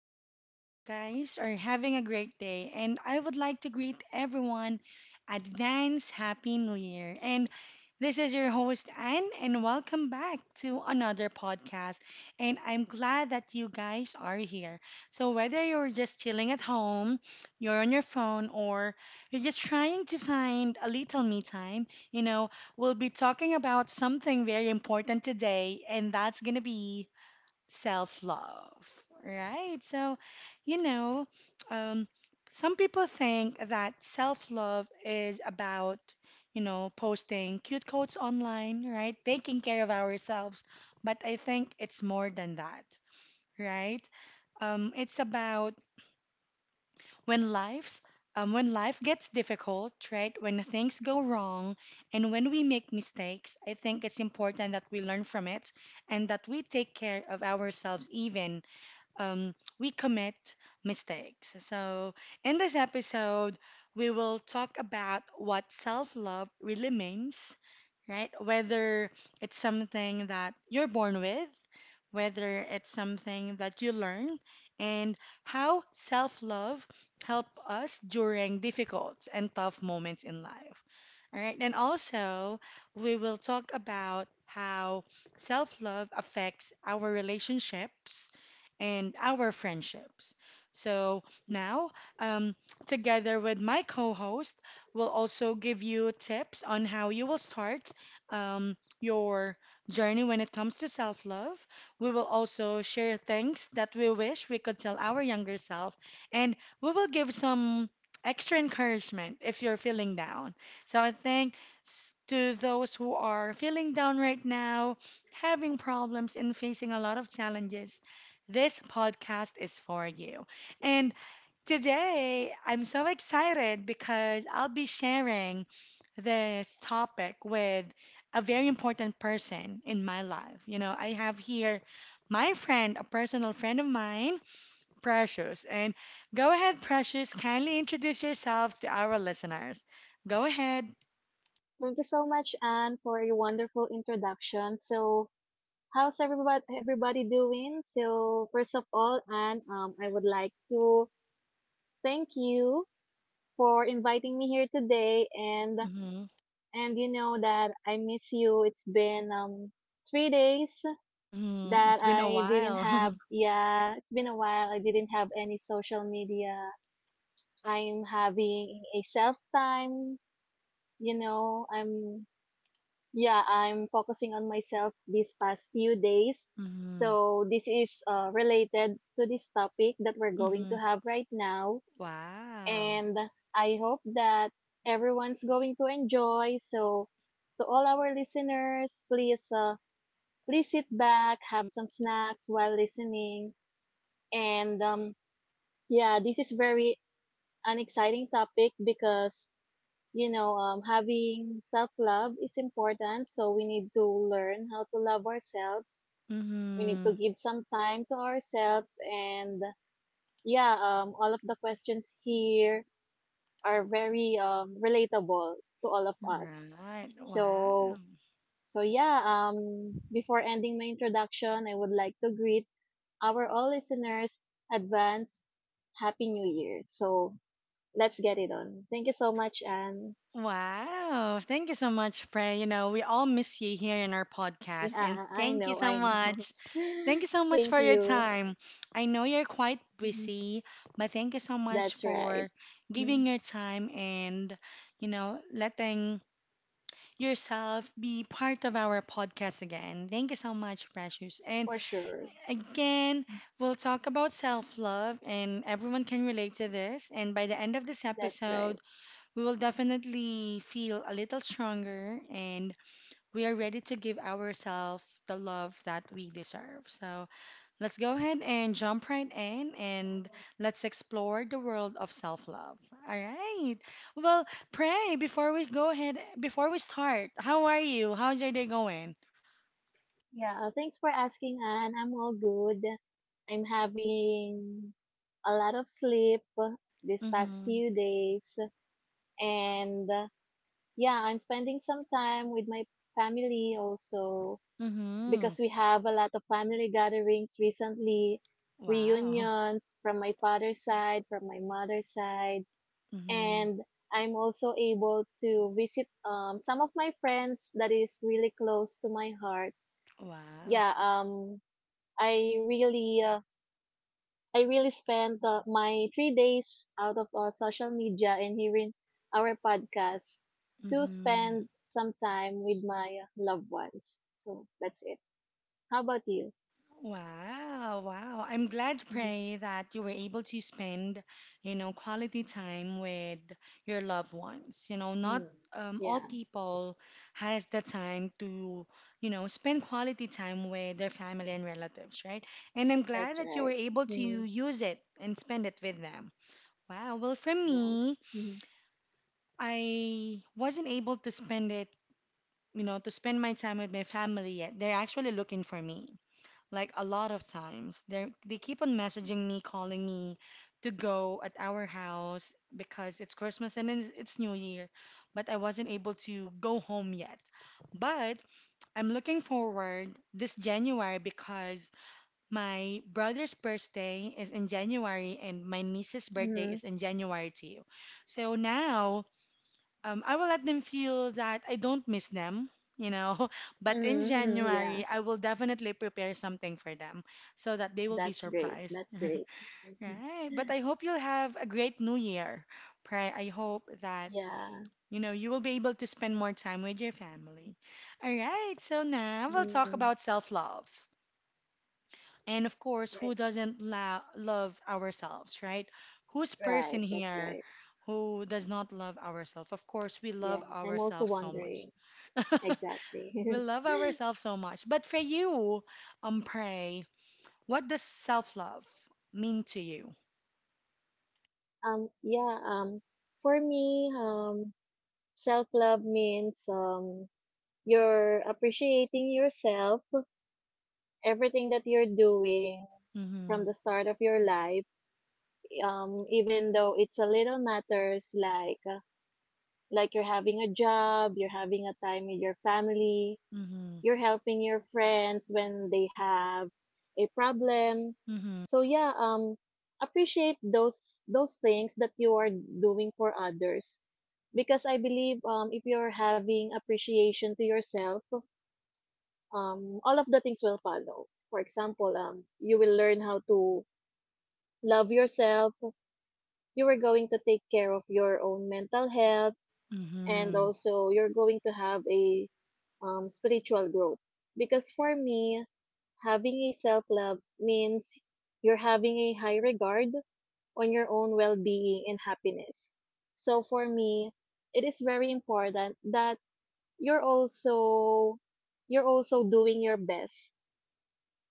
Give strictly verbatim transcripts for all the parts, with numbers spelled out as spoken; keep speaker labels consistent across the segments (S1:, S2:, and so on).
S1: I hope you guys are having a great day. And I would like to greet everyone advance Happy New Year. And this is your host, Anne, and welcome back to another podcast. And I'm glad that you guys are here. So, whether you're just chilling at home, you're on your phone, or you're just trying to find a little me time, you know, we'll be talking about something very important today, and that's going to be self love, right? So, you know, um, some people think that self love is about, you know, posting cute quotes online, right? Taking care of ourselves. But I think it's more than that, right? Um, it's about when life's um, when life gets difficult, right? When things go wrong and when we make mistakes, I think it's important that we learn from it and that we take care of ourselves even um, we commit mistakes. So, in this episode, we will talk about what self love really means, right? Whether it's something that you're born with, whether it's something that you learn, and how self love help us during difficult and tough moments in life. All right, and also we will talk about how self love affects our relationships and our friendships. So now, um, together with my co-host, we'll also give you tips on how you will start um, your journey when it comes to self-love. We will also share things that we wish we could tell our younger self, and we will give some extra encouragement if you're feeling down. So I think s- to those who are feeling down right now, having problems and facing a lot of challenges, this podcast is for you. And today, I'm so excited because I'll be sharing this topic with a very important person in my life. You know, I have here my friend, a personal friend of mine, Precious. And go ahead, Precious, kindly introduce yourselves to our listeners. Go ahead.
S2: Thank you so much, Anne, for your wonderful introduction. So, how's everybody everybody doing? So, first of all, Anne, um, I would like to thank you for inviting me here today, and
S1: Hmm.
S2: and you know that I miss you. It's been um three days
S1: Hmm.
S2: that
S1: It's been a
S2: I didn't
S1: while.
S2: have. Yeah, it's been a while. I didn't have any social media. I'm having a self time. You know, I'm Yeah, I'm focusing on myself these past few days.
S1: Hmm.
S2: So, this is uh, related to this topic that we're going
S1: Hmm.
S2: to have right now.
S1: Wow.
S2: And I hope that everyone's going to enjoy. So, to all our listeners, please, uh, please sit back, have some snacks while listening. And um, yeah, this is very an exciting topic because you know, um, having self love is important. So we need to learn how to love ourselves. We need to
S1: Hmm.
S2: give some time to ourselves. And yeah, um, all of the questions here are very um, relatable to all of us.
S1: Right. Wow.
S2: So, so yeah, um, before ending my introduction, I would like to greet our all listeners advance Happy New Year. So let's get it on. Thank you so much, Anne.
S1: Wow. Thank you so much, Frey. You know, we all miss you here in our podcast. And
S2: Yeah, I
S1: thank you
S2: know,
S1: so
S2: I know.
S1: much. Thank you so much
S2: Thank
S1: for your
S2: you.
S1: time. I know you're quite
S2: Mhm.
S1: busy, but thank you so much
S2: That's right.
S1: for
S2: Mhm.
S1: giving your time and, you know, letting yourself be part of our podcast again. Thank you so much, Precious. And
S2: For sure.
S1: again, we'll talk about self love, and everyone can relate to this. And by the end of this
S2: That's right.
S1: episode, we will definitely feel a little stronger and we are ready to give ourselves the love that we deserve. So let's go ahead and jump right in and let's explore the world of self love. All right. Well, pray before we go ahead, before we start, how are you? How's your day going?
S2: Yeah, uh, thanks for asking, Anne. I'm all good. I'm having a lot of sleep this past
S1: Mm
S2: few days. And uh, yeah, I'm spending some time with my family also,
S1: hmm. Mm hmm.
S2: because we have a lot of family gatherings recently,
S1: Wow.
S2: reunions from my father's side, from my mother's side.
S1: Mm hmm.
S2: And I'm also able to visit um some of my friends that is really close to my heart.
S1: Wow.
S2: Yeah, um I really uh, I really spent uh, my three days out of uh, social media and hearing our podcast
S1: Mm
S2: to
S1: hmm.
S2: spend some time with my uh, loved ones. So that's it. How about you?
S1: Wow, wow. I'm glad,
S2: Mhm.
S1: Pray, that you were able to spend, you know, quality time with your loved ones. You know, not
S2: Mm.
S1: um, all
S2: Yeah,
S1: people has the time to, you know, spend quality time with their family and relatives, right? And I'm glad
S2: that's
S1: that you were
S2: right.
S1: able to
S2: Mhm.
S1: use it and spend it with them. Wow. Well, for me,
S2: Yes. Mm-hmm.
S1: I wasn't able to spend it, you know, to spend my time with my family yet. They're actually looking for me like a lot of times, they they keep on messaging me, calling me to go at our house because it's Christmas and then it's New Year, but I wasn't able to go home yet. But I'm looking forward this January because my brother's birthday is in January and my niece's birthday
S2: Mm-hmm.
S1: is in January too. So now um, I will let them feel that I don't miss them, you know. But in
S2: Mm-hmm. Mm-hmm. Yeah.
S1: January, I will definitely prepare something for them so that they will be
S2: That's great.
S1: surprised.
S2: That's great. Mhm.
S1: Right. But I hope you'll have a great new year. Pray I hope that
S2: Yeah.
S1: you know you will be able to spend more time with your family. All right. So now we'll talk
S2: Mhm.
S1: about self-love. And of course,
S2: Right.
S1: who doesn't la love ourselves, right? Who's person
S2: Right. That's
S1: here
S2: right.
S1: who does not love ourselves? Of course, we love
S2: Yeah. I'm also
S1: ourselves so much.
S2: wondering.
S1: We
S2: Exactly.
S1: love ourselves so much. But for you, um, pray, what does self love mean to you?
S2: Um, yeah, um, for me, um, self-love means, um, you're appreciating yourself, everything that you're doing from
S1: Mm-hmm.
S2: the start of your life, um, even though it's a little matters like, uh, like you're having a job, you're having a time with your family,
S1: Mm-hmm.
S2: you're helping your friends when they have a problem.
S1: Mm-hmm.
S2: So yeah, um appreciate those those things that you are doing for others, because I believe um if you're having appreciation to yourself, um all of the things will follow. For example, um you will learn how to love yourself, you are going to take care of your own mental health, and
S1: Mm-hmm.
S2: also you're going to have a um, spiritual growth. Because for me, having a self love means you're having a high regard on your own well being and happiness. So for me, it is very important that you're also you're also doing your best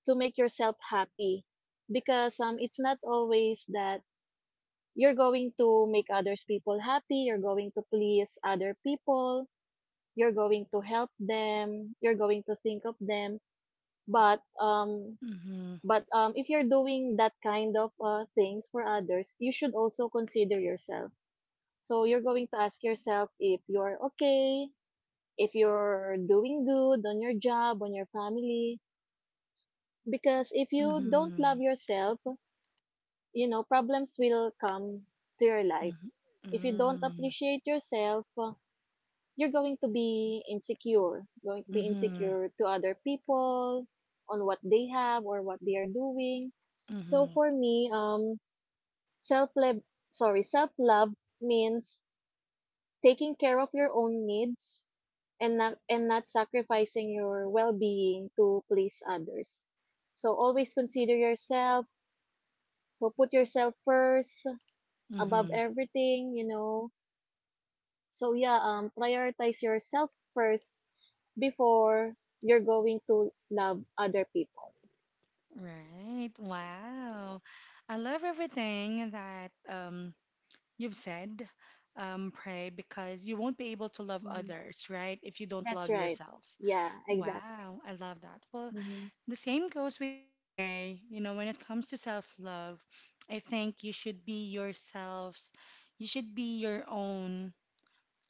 S2: to make yourself happy, because um it's not always that you're going to make others people happy. You're going to please other people, you're going to help them, you're going to think of them, but um
S1: Mm-hmm.
S2: but um if you're doing that kind of uh, things for others, you should also consider yourself. So you're going to ask yourself if you're okay, if you're doing good on your job, on your family. Because if you don't
S1: Mm-hmm.
S2: love yourself, you know, problems will come to your life.
S1: Mm-hmm.
S2: If you don't appreciate yourself, uh, you're going to be insecure, going to be
S1: Mm-hmm.
S2: insecure to other people on what they have or what they are doing. So
S1: Mm-hmm.
S2: for me, um, self love, sorry, self love means taking care of your own needs and not and not sacrificing your well-being to please others. So always consider yourself. So put yourself first above
S1: Mm-hmm.
S2: everything, you know. So yeah, um prioritize yourself first before you're going to love other people.
S1: Right. Wow. I love everything that um you've said. Um, pray because you won't be able to love
S2: Mm-hmm.
S1: others, right? If you don't
S2: That's
S1: love
S2: right.
S1: yourself.
S2: Yeah, exactly.
S1: Wow, I love that. Well,
S2: Mm-hmm.
S1: the same goes with you, Pray. You know, when it comes to self love, I think you should be yourselves. You should be your own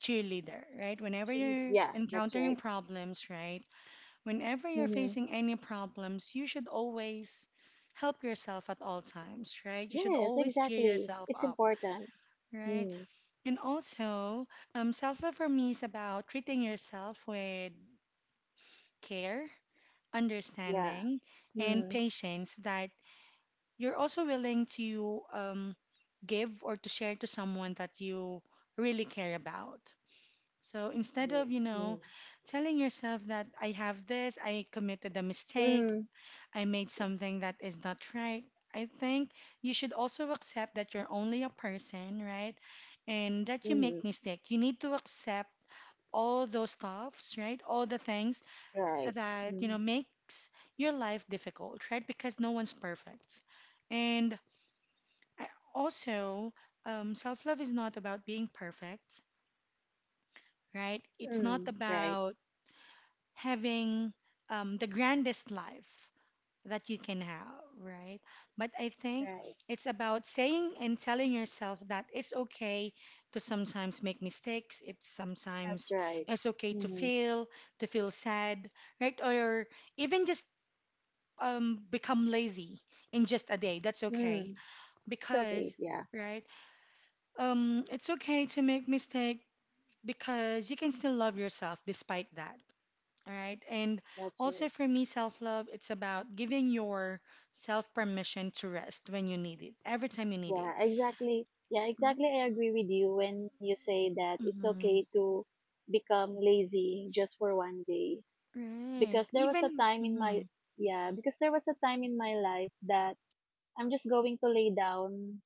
S1: cheerleader, right? Whenever
S2: Cheerleader.
S1: you're
S2: Yeah, that's
S1: encountering
S2: right.
S1: problems, right? Whenever you're
S2: Mm-hmm.
S1: facing any problems, you should always help yourself at all times, right? You should
S2: Yes,
S1: always cheer
S2: exactly.
S1: yourself
S2: It's
S1: up,
S2: important.
S1: right?
S2: Mm.
S1: And also, um, self love for me is about treating yourself with care,
S2: Yeah.
S1: understanding, and
S2: Mm.
S1: patience that you're also willing to um, give or to share to someone that you really care about. So instead
S2: Right.
S1: of, you
S2: Mm.
S1: know, telling yourself that I have this, I committed a mistake,
S2: Mm.
S1: I made something that is not right, I think you should also accept that you're only a person, right? And
S2: Yeah.
S1: that you
S2: Mm.
S1: make mistake. You need to accept all those stuffs, right? All the things
S2: Right.
S1: that, you
S2: Mm.
S1: know, makes your life difficult, right? Because no one's perfect. And I- also, um, self love is not about being perfect, right? It's not
S2: Mm. Right.
S1: about having um, the grandest life that you can have, right? But I think
S2: Right.
S1: it's about saying and telling yourself that it's okay to sometimes make mistakes. It's
S2: That's
S1: sometimes
S2: right.
S1: it's okay to
S2: Mm.
S1: fail, to feel sad, right? Or even just um, become lazy in just a day. That's okay
S2: Mm. It's okay.
S1: because,
S2: Yeah.
S1: right? Um, it's okay to make mistake because you can still love yourself despite that. All right. And
S2: That's
S1: also
S2: right.
S1: for me, self-love, it's about giving yourself permission to rest when you need it, every time you need
S2: Yeah,
S1: it.
S2: exactly. Yeah, exactly. I agree with you when you say that it's
S1: Mm-hmm.
S2: okay to become lazy just for one day.
S1: Right.
S2: Because there was a
S1: Even,
S2: time in
S1: mm-hmm.
S2: my, yeah, because there was a time in my life that I'm just going to lay down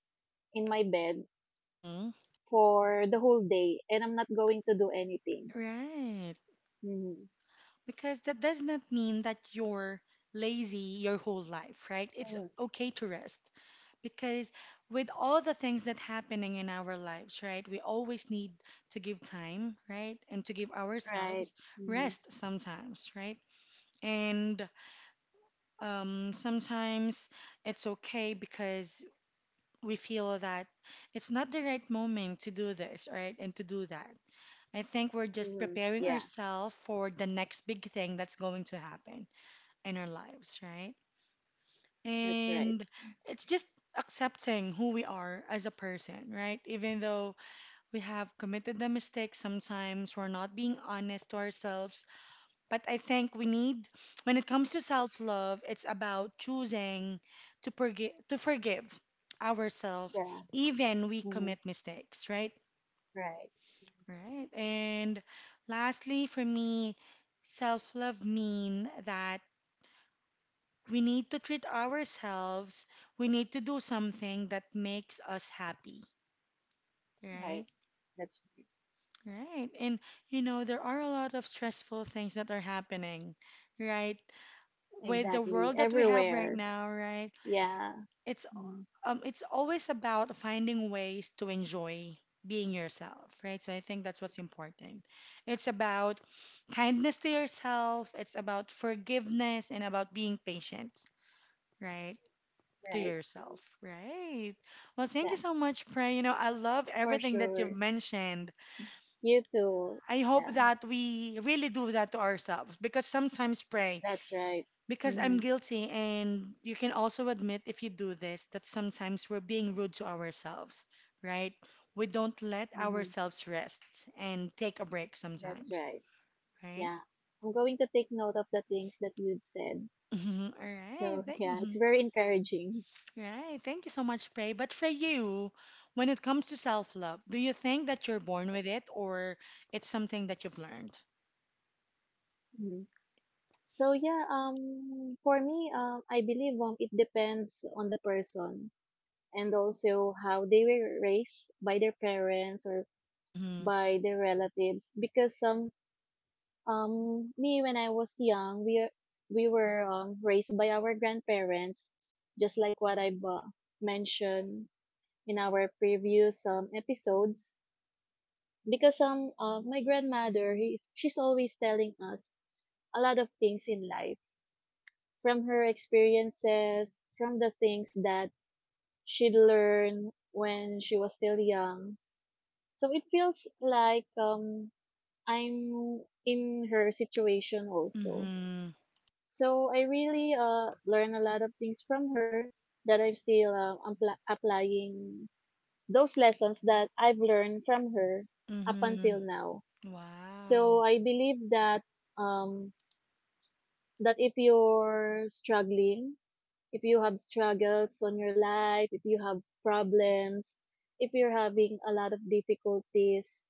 S2: in my bed
S1: Mm-hmm.
S2: for the whole day, and I'm not going to do anything.
S1: Right.
S2: Mm-hmm.
S1: Because that does not mean that you're lazy your whole life, right? It's
S2: Mm.
S1: okay to rest. Because with all the things that happening in our lives, right? We always need to give time, right? And to give
S2: Right.
S1: ourselves
S2: Mm-hmm.
S1: rest sometimes, right? And um, sometimes it's okay because we feel that it's not the right moment to do this, right? And to do that. I think we're just
S2: Mm-hmm.
S1: preparing
S2: Yeah,
S1: ourselves for the next big thing that's going to happen in our lives, right?
S2: that's right.
S1: And it's just accepting who we are as a person, right? Even though we have committed the mistake sometimes, we're not being honest to ourselves. But I think we need, when it comes to self-love, it's about choosing to forgive, to forgive ourselves,
S2: Yeah.
S1: even we
S2: Mm-hmm.
S1: commit mistakes, right?
S2: Right.
S1: Right. And lastly, for me, self-love mean that we need to treat ourselves. We need to do something that makes us happy,
S2: Right.
S1: right?
S2: That's
S1: Right. And you know, there are a lot of stressful things that are happening, right? With the
S2: exactly
S1: world that we have right
S2: everywhere.
S1: now, right?
S2: Yeah.
S1: It's
S2: Mm-hmm.
S1: um it's always about finding ways to enjoy being yourself, right? So I think that's what's important. It's about kindness to yourself, it's about forgiveness and about being patient, right? To
S2: Right.
S1: yourself,
S2: Mm.
S1: right? Well, thank you
S2: Exactly.
S1: so much, Pray. You know, I love
S2: For
S1: everything that you've
S2: sure.
S1: mentioned.
S2: You too.
S1: I hope
S2: Yeah,
S1: that we really do that to ourselves because sometimes, Pray,
S2: that's right.
S1: because I'm
S2: Mm-hmm.
S1: guilty, and you can also admit if you do this that sometimes we're being rude to ourselves, right? We don't let
S2: Mm-hmm.
S1: ourselves rest and take a break
S2: That's
S1: sometimes,
S2: right.
S1: right?
S2: Yeah. I'm going to take note of the things that you've said.
S1: All right.
S2: So,
S1: Thank-
S2: yeah,
S1: mm-hmm.
S2: it's very encouraging
S1: Right. Thank you so
S2: for
S1: much, Faye.
S2: real.
S1: But for
S2: Mm.
S1: you, when it comes to self-love, do you think that you're born with it or it's something that you've learned?
S2: Mhm. So yeah, um, for me, um, I believe um, it depends on the person and also how they were raised by their parents or
S1: Mm-hmm.
S2: by their relatives, because some Um, me when I was young, we we were um, raised by our grandparents, just like what I've uh, mentioned in our previous um, episodes. Because um, uh, my grandmother, he's, she's always telling us a lot of things in life, from her experiences, from the things that she'd learn when she was still young. So it feels like um, I'm in her situation also.
S1: Mm-hmm.
S2: So I really uh learned a lot of things from her that I'm still uh, ampla- applying those lessons that I've learned from her up
S1: Mm-hmm.
S2: until now.
S1: Wow.
S2: So I believe that um that if you're struggling, if you have struggles on your life, if you have problems, if you're having a lot of difficulties,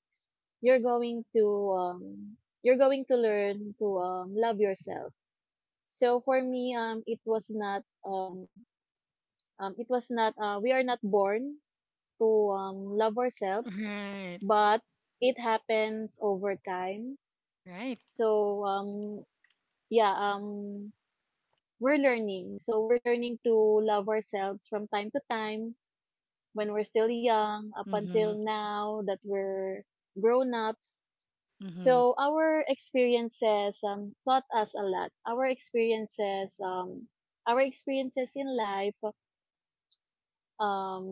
S2: you're going to um you're going to learn to um love yourself. So for me, um it was not um Um, it was not, uh, we are not born to um, love ourselves,
S1: Right.
S2: but it happens over time.
S1: Right.
S2: So, um, yeah, um, we're learning. So, we're learning to love ourselves from time to time when we're still young up
S1: Mm-hmm.
S2: until now that we're grown ups.
S1: Mm-hmm.
S2: So, our experiences um, taught us a lot. Our experiences, um, our experiences in life um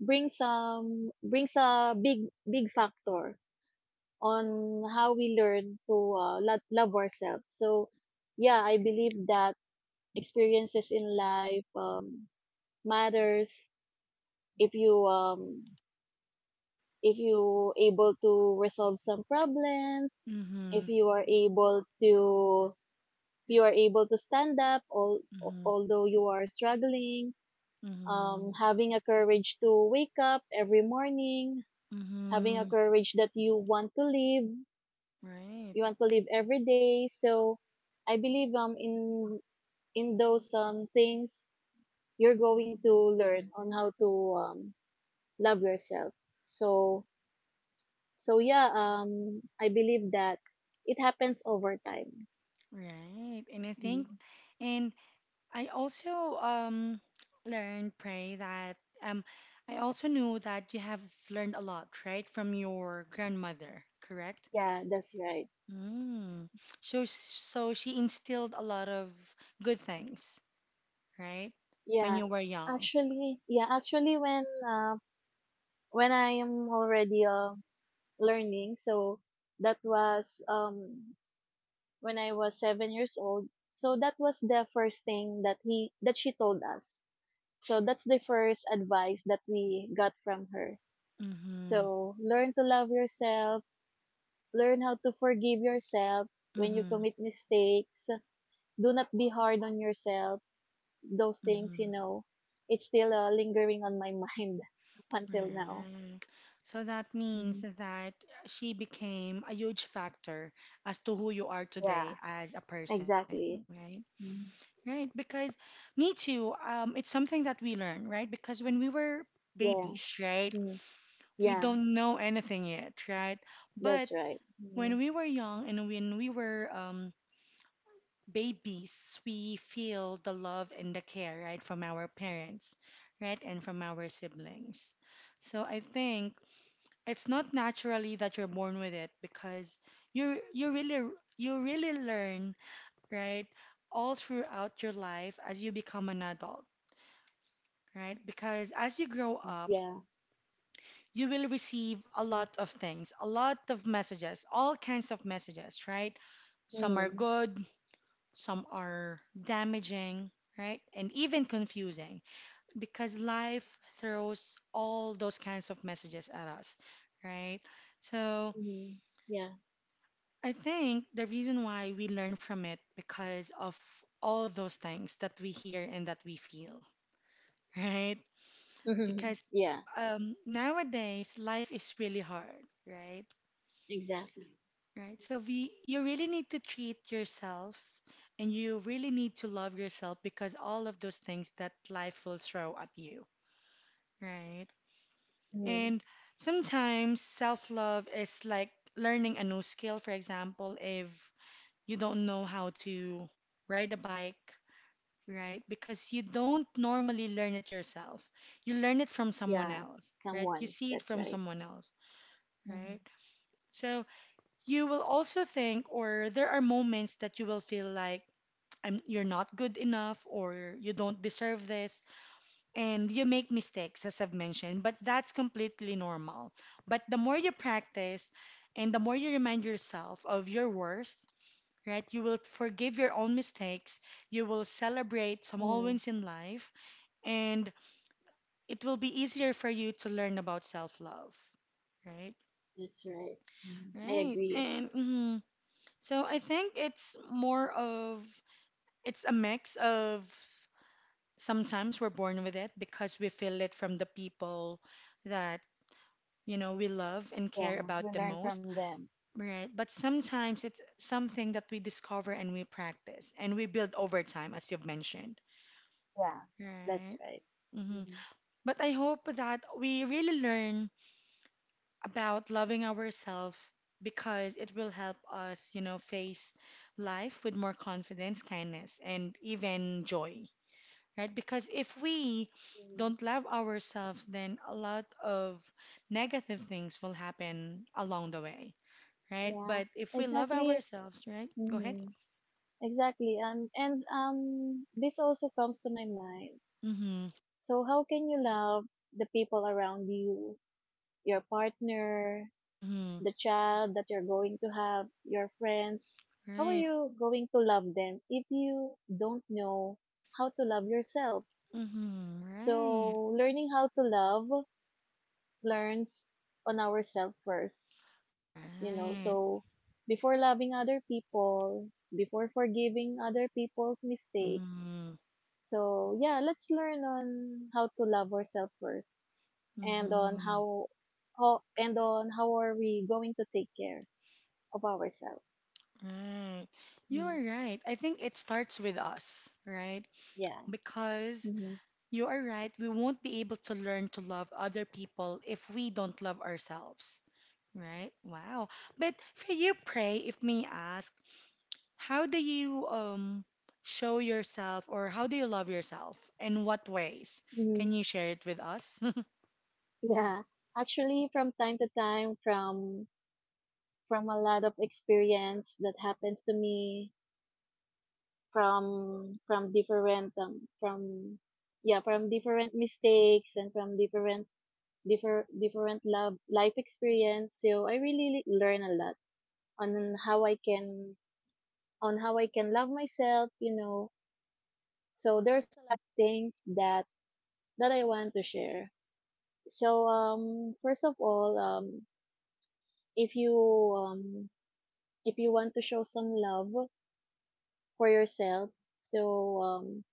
S2: brings some brings a big big factor on how we learn to uh, lo- love ourselves. So yeah, I believe that experiences in life um, matters, if you um if you able to resolve some problems,
S1: Mm-hmm.
S2: if you are able to if you are able to stand up, all
S1: Mm-hmm.
S2: although you are struggling, um
S1: Mm-hmm.
S2: having a courage to wake up every morning, having a
S1: Mm-hmm.
S2: courage that you want to live,
S1: Right.
S2: you want to live every day. So I believe um in in those um things, you're going to learn on how to um love yourself. So so yeah, um I believe that it happens over time.
S1: Right. And I think,
S2: Mm.
S1: and I also um, learned, Pray, that um, I also knew that you have learned a lot, right, from your grandmother, correct?
S2: Yeah, that's right.
S1: Mm. So, so she instilled a lot of good things, right, when
S2: Yeah.
S1: you were young.
S2: Actually, yeah, actually when uh, when I am already um learning, so that was um when I was seven years old. So that was the first thing that he that she told us. So that's the first advice that we got from her.
S1: Mm-hmm.
S2: So learn to love yourself, learn how to forgive yourself when you
S1: Mm-hmm.
S2: commit mistakes. Do not be hard on yourself. Those things, you
S1: Mm-hmm.
S2: know, it's still uh, lingering on my mind up until now.
S1: Right. So that means
S2: Mhm.
S1: that she became a huge factor as to who you are today
S2: Yeah,
S1: as a person,
S2: exactly.
S1: right?
S2: Mm.
S1: Right, because me too, um, it's something that we learn, right? Because when we were
S2: Yeah.
S1: babies, right,
S2: Mm.
S1: we
S2: Yeah,
S1: don't know anything yet, right?
S2: that's
S1: But
S2: right.
S1: when
S2: Mm.
S1: we were young and when we were um, babies, we feel the love and the care, right, from our parents, right, and from our siblings. So I think it's not naturally that you're born with it because you you really you really learn, right, all throughout your life as you become an adult right? Because as you grow
S2: Mm.
S1: up,
S2: Yeah.
S1: you will receive a lot of things, a lot of messages, all kinds of messages, right? Some are
S2: Mhm.
S1: good, some are damaging, right? And even confusing because life throws all those kinds of messages at us, right? So
S2: Mhm. Yeah.
S1: I think the reason why we learn from it because of all those things that we hear and that we feel, right?
S2: Mhm.
S1: Because
S2: Yeah.
S1: um, nowadays life is really hard, right?
S2: Exactly.
S1: Right. So we you really need to treat yourself and you really need to love yourself because all of those things that life will throw at you, right?
S2: Hmm.
S1: And sometimes self-love is like learning a new skill. For example, if you don't know how to ride a bike, right? Because you don't normally learn it yourself. You learn it from someone
S2: Yeah.
S1: else, right? You
S2: Someone.
S1: see it
S2: That's
S1: from
S2: right.
S1: someone else.
S2: Mm-hmm.
S1: Right? So you will also think, or there are moments that you will feel like I'm, you're not good enough or you don't deserve this, and you make mistakes, as I've mentioned, but that's completely normal. But the more you practice and the more you remind yourself of your worst, right, you will forgive your own mistakes, you will celebrate small
S2: Mm.
S1: wins in life, and it will be easier for you to learn about self-love, right?
S2: That's right. Hmm. I
S1: Right.
S2: agree.
S1: And mhm. So I think it's more of it's a mix of sometimes we're born with it because we feel it from the people that you know we love and care
S2: Yeah.
S1: about
S2: We
S1: the
S2: learn
S1: most,
S2: from them.
S1: right? But sometimes it's something that we discover and we practice and we build over time, as you've mentioned,
S2: Yeah. That's
S1: right?
S2: right.
S1: Hmm.
S2: Mm.
S1: But I hope that we really learn about loving ourselves because it will help us, you know, face life with more confidence, kindness, and even joy, right? Because if we
S2: Hmm.
S1: don't love ourselves, then a lot of negative things will happen along the way, right?
S2: Yeah,
S1: But if we love
S2: exactly.
S1: ourselves, right? Go ahead.
S2: Mhm. Exactly. Um, and um, this also comes to my mind.
S1: Mm-hmm.
S2: So, how can you love the people around you, your partner,
S1: Mm-hmm.
S2: the child that you're going to have, your friends, how are
S1: Right.
S2: you going to love them if you don't know how to love yourself?
S1: Mm-hmm. Right.
S2: So, learning how to love learns on ourselves first, you know.
S1: Right.
S2: So, before loving other people, before forgiving other people's mistakes.
S1: Mm-hmm.
S2: So, yeah, let's learn on how to love ourselves first, and on
S1: Mm-hmm.
S2: how, how and on how are we going to take care of ourselves.
S1: Right. You are
S2: Hmm.
S1: right. I think it starts with us, right?
S2: Yeah.
S1: Because
S2: Mhm.
S1: you are right, we won't be able to learn to love other people if we don't love ourselves, right? Wow. But for you, Pray, if may ask, how do you um show yourself or how do you love yourself? In what ways? Can
S2: Mhm.
S1: you share it with us?
S2: Yeah. Actually, from time to time, from from a lot of experience that happens to me, from from different um from yeah from different mistakes, and from different different different love life experience. So I really learn a lot on how I can on how I can love myself. You know. So there's a lot of things that that I want to share. So um first of all, um if you um if you want to show some love for yourself, so um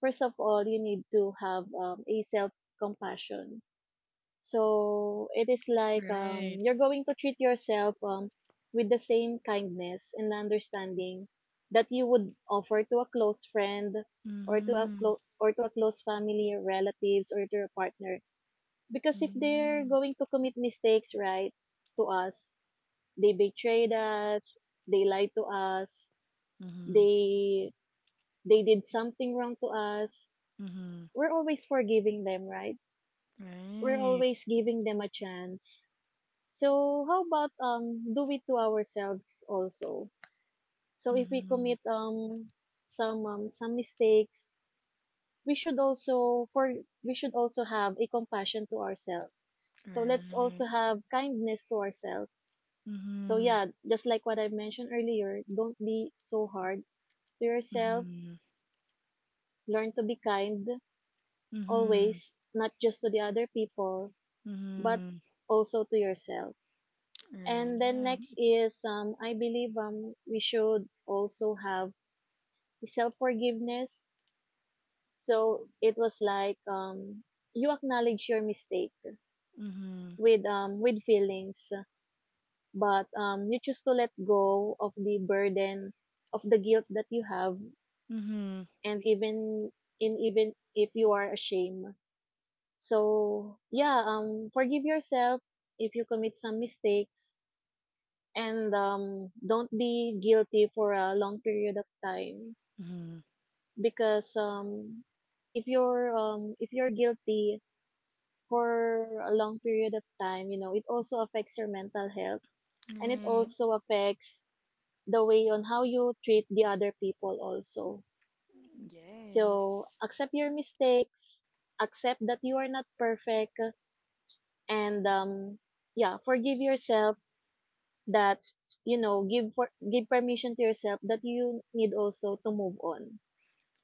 S2: first of all you need to have um, a self compassion. So it is like um
S1: Right.
S2: you're going to treat yourself um with the same kindness and understanding that you would offer to a close friend or to a
S1: Mm-hmm.
S2: clo- or to a close family or relatives or to your partner, because if they're
S1: Mm-hmm.
S2: going to commit mistakes, right, to us, they betrayed us, they lied to us,
S1: Mm-hmm.
S2: they they did something wrong to us,
S1: Mm-hmm.
S2: we're always forgiving them, right? We're
S1: Right.
S2: always giving them a chance. So how about um do it to ourselves also? So if we
S1: Mm-hmm.
S2: commit um some um, some mistakes, we should also for we should also have a compassion to ourselves. So let's
S1: Right.
S2: also have kindness to ourselves. So
S1: Mhm.
S2: yeah, just like what I mentioned earlier, don't be so hard to yourself,
S1: Mhm.
S2: learn to be kind
S1: Mhm.
S2: always, not just to the other people, but
S1: Mhm.
S2: also to yourself. And then
S1: Right.
S2: next is, um I believe um we should also have self forgiveness. So it was like um you acknowledge your mistake
S1: Mhm.
S2: with um with feelings, but um you choose to let go of the burden of the guilt that you have
S1: Mhm.
S2: and even in even if you are ashamed. So yeah, um, forgive yourself if you commit some mistakes, and um, don't be guilty for a long period of time,
S1: Mhm.
S2: because um, if you're um, if you're guilty for a long period of time, you know it also affects your mental health, and it
S1: Right.
S2: also affects the way on how you treat the other people also. So
S1: Yes.
S2: accept your mistakes, accept that you are not perfect, and um, yeah, forgive yourself that, you know give for give permission to yourself that you need also to move on,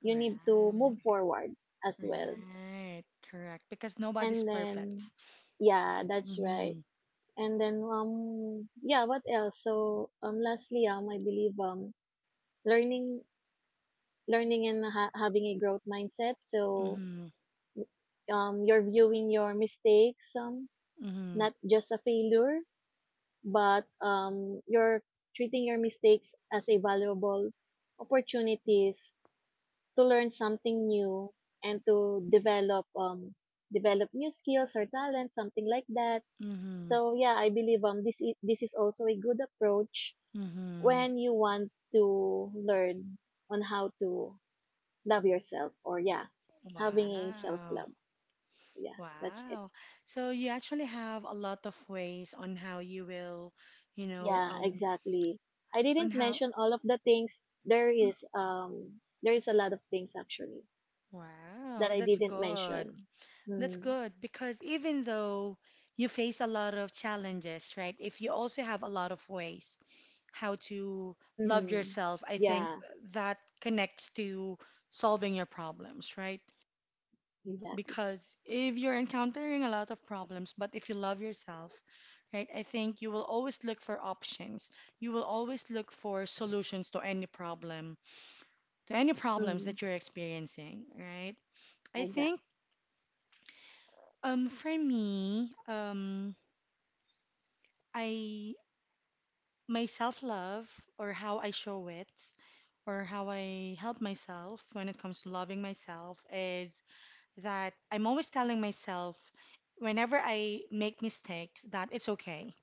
S2: you
S1: Right.
S2: need to move forward as well.
S1: Right. Correct. Because nobody's
S2: And then
S1: perfect.
S2: yeah, that's right.
S1: Mhm.
S2: And then um yeah, what else? So um lastly, um I believe um learning, learning and ha- having a growth mindset. So
S1: Mhm.
S2: um you're viewing your mistakes um
S1: Mhm.
S2: not just a failure, but um you're treating your mistakes as a valuable opportunities to learn something new and to develop um develop new skills or talent, something like that.
S1: Mhm.
S2: So yeah, I believe um this is, this is also a good approach
S1: Mhm.
S2: when you want to learn on how to love yourself, or yeah, having a self
S1: Wow.
S2: love. So yeah, that's it.
S1: Wow. So you actually have a lot of ways on how you will, you know,
S2: Yeah,
S1: um,
S2: exactly. I
S1: on
S2: didn't
S1: how.
S2: mention all of the things. There is um there is a lot of things actually that
S1: Wow,
S2: I
S1: that's
S2: didn't
S1: good.
S2: mention.
S1: That's
S2: Mm-hmm.
S1: good because even though you face a lot of challenges, right? If you also have a lot of ways how to love
S2: Mm-hmm.
S1: yourself, I think
S2: Yeah.
S1: that connects to solving your problems, right?
S2: Exactly.
S1: Because if you're encountering a lot of problems, but if you love yourself, right, I think you will always look for options. You will always look for solutions to any problem, to any problems
S2: Hmm.
S1: that you're experiencing, right? I
S2: Exactly.
S1: think um, for me, um, I my self-love or how I show it or how I help myself when it comes to loving myself is that I'm always telling myself whenever I make mistakes that it's okay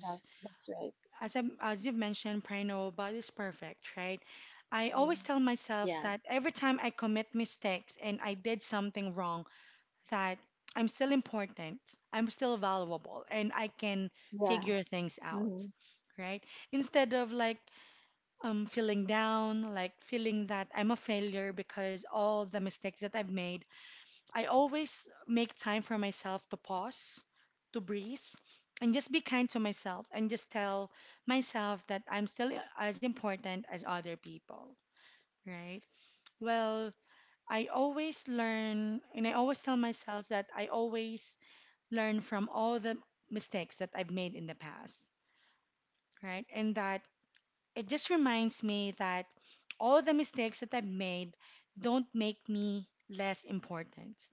S2: Yeah, that's right.
S1: as I as you've mentioned, Pray, nobody's perfect, right? I
S2: Mm.
S1: always tell myself
S2: Yeah.
S1: that every time I commit mistakes and I did something wrong that I'm still important, I'm still valuable, and I can
S2: Yeah.
S1: figure things
S2: Hmm.
S1: out, right? Instead of like um, feeling down, like feeling that I'm a failure because all the mistakes that I've made, I always make time for myself to pause, to breathe, and just be kind to myself and just tell myself that I'm still as important as other people, right? Well, I always learn and I always tell myself that I always learn from all the mistakes that I've made in the past, right? And that it just reminds me that all the mistakes that I've made don't make me less important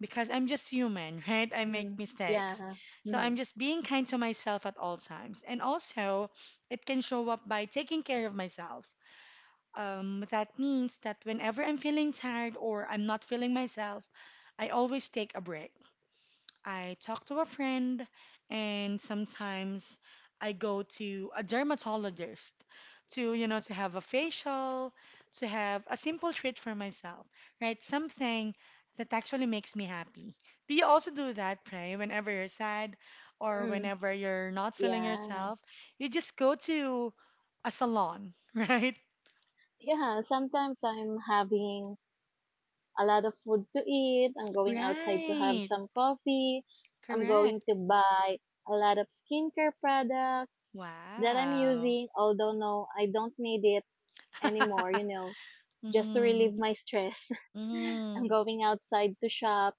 S1: because I'm just human, right? I make
S2: Hmm.
S1: mistakes.
S2: Yeah.
S1: So
S2: Hmm.
S1: I'm just being kind to myself at all times. And also, it can show up by taking care of myself. Um, that means that whenever I'm feeling tired or I'm not feeling myself, I always take a break. I talk to a friend, and sometimes I go to a dermatologist to, you know, to have a facial, to have a simple treat for myself, right? Something that actually makes me happy. Do you also do that, Pray? Whenever you're sad or
S2: Hmm.
S1: whenever you're not feeling
S2: Yeah.
S1: yourself, you just go to a salon, right?
S2: Yeah, sometimes I'm having a lot of food to eat. I'm going outside to have
S1: Right.
S2: some coffee. I'm
S1: Correct.
S2: going to buy a lot of skincare products that I'm
S1: Wow.
S2: using, although no, I don't need it anymore, you know, just to relieve my stress. I'm
S1: Mm-hmm.
S2: going outside to shop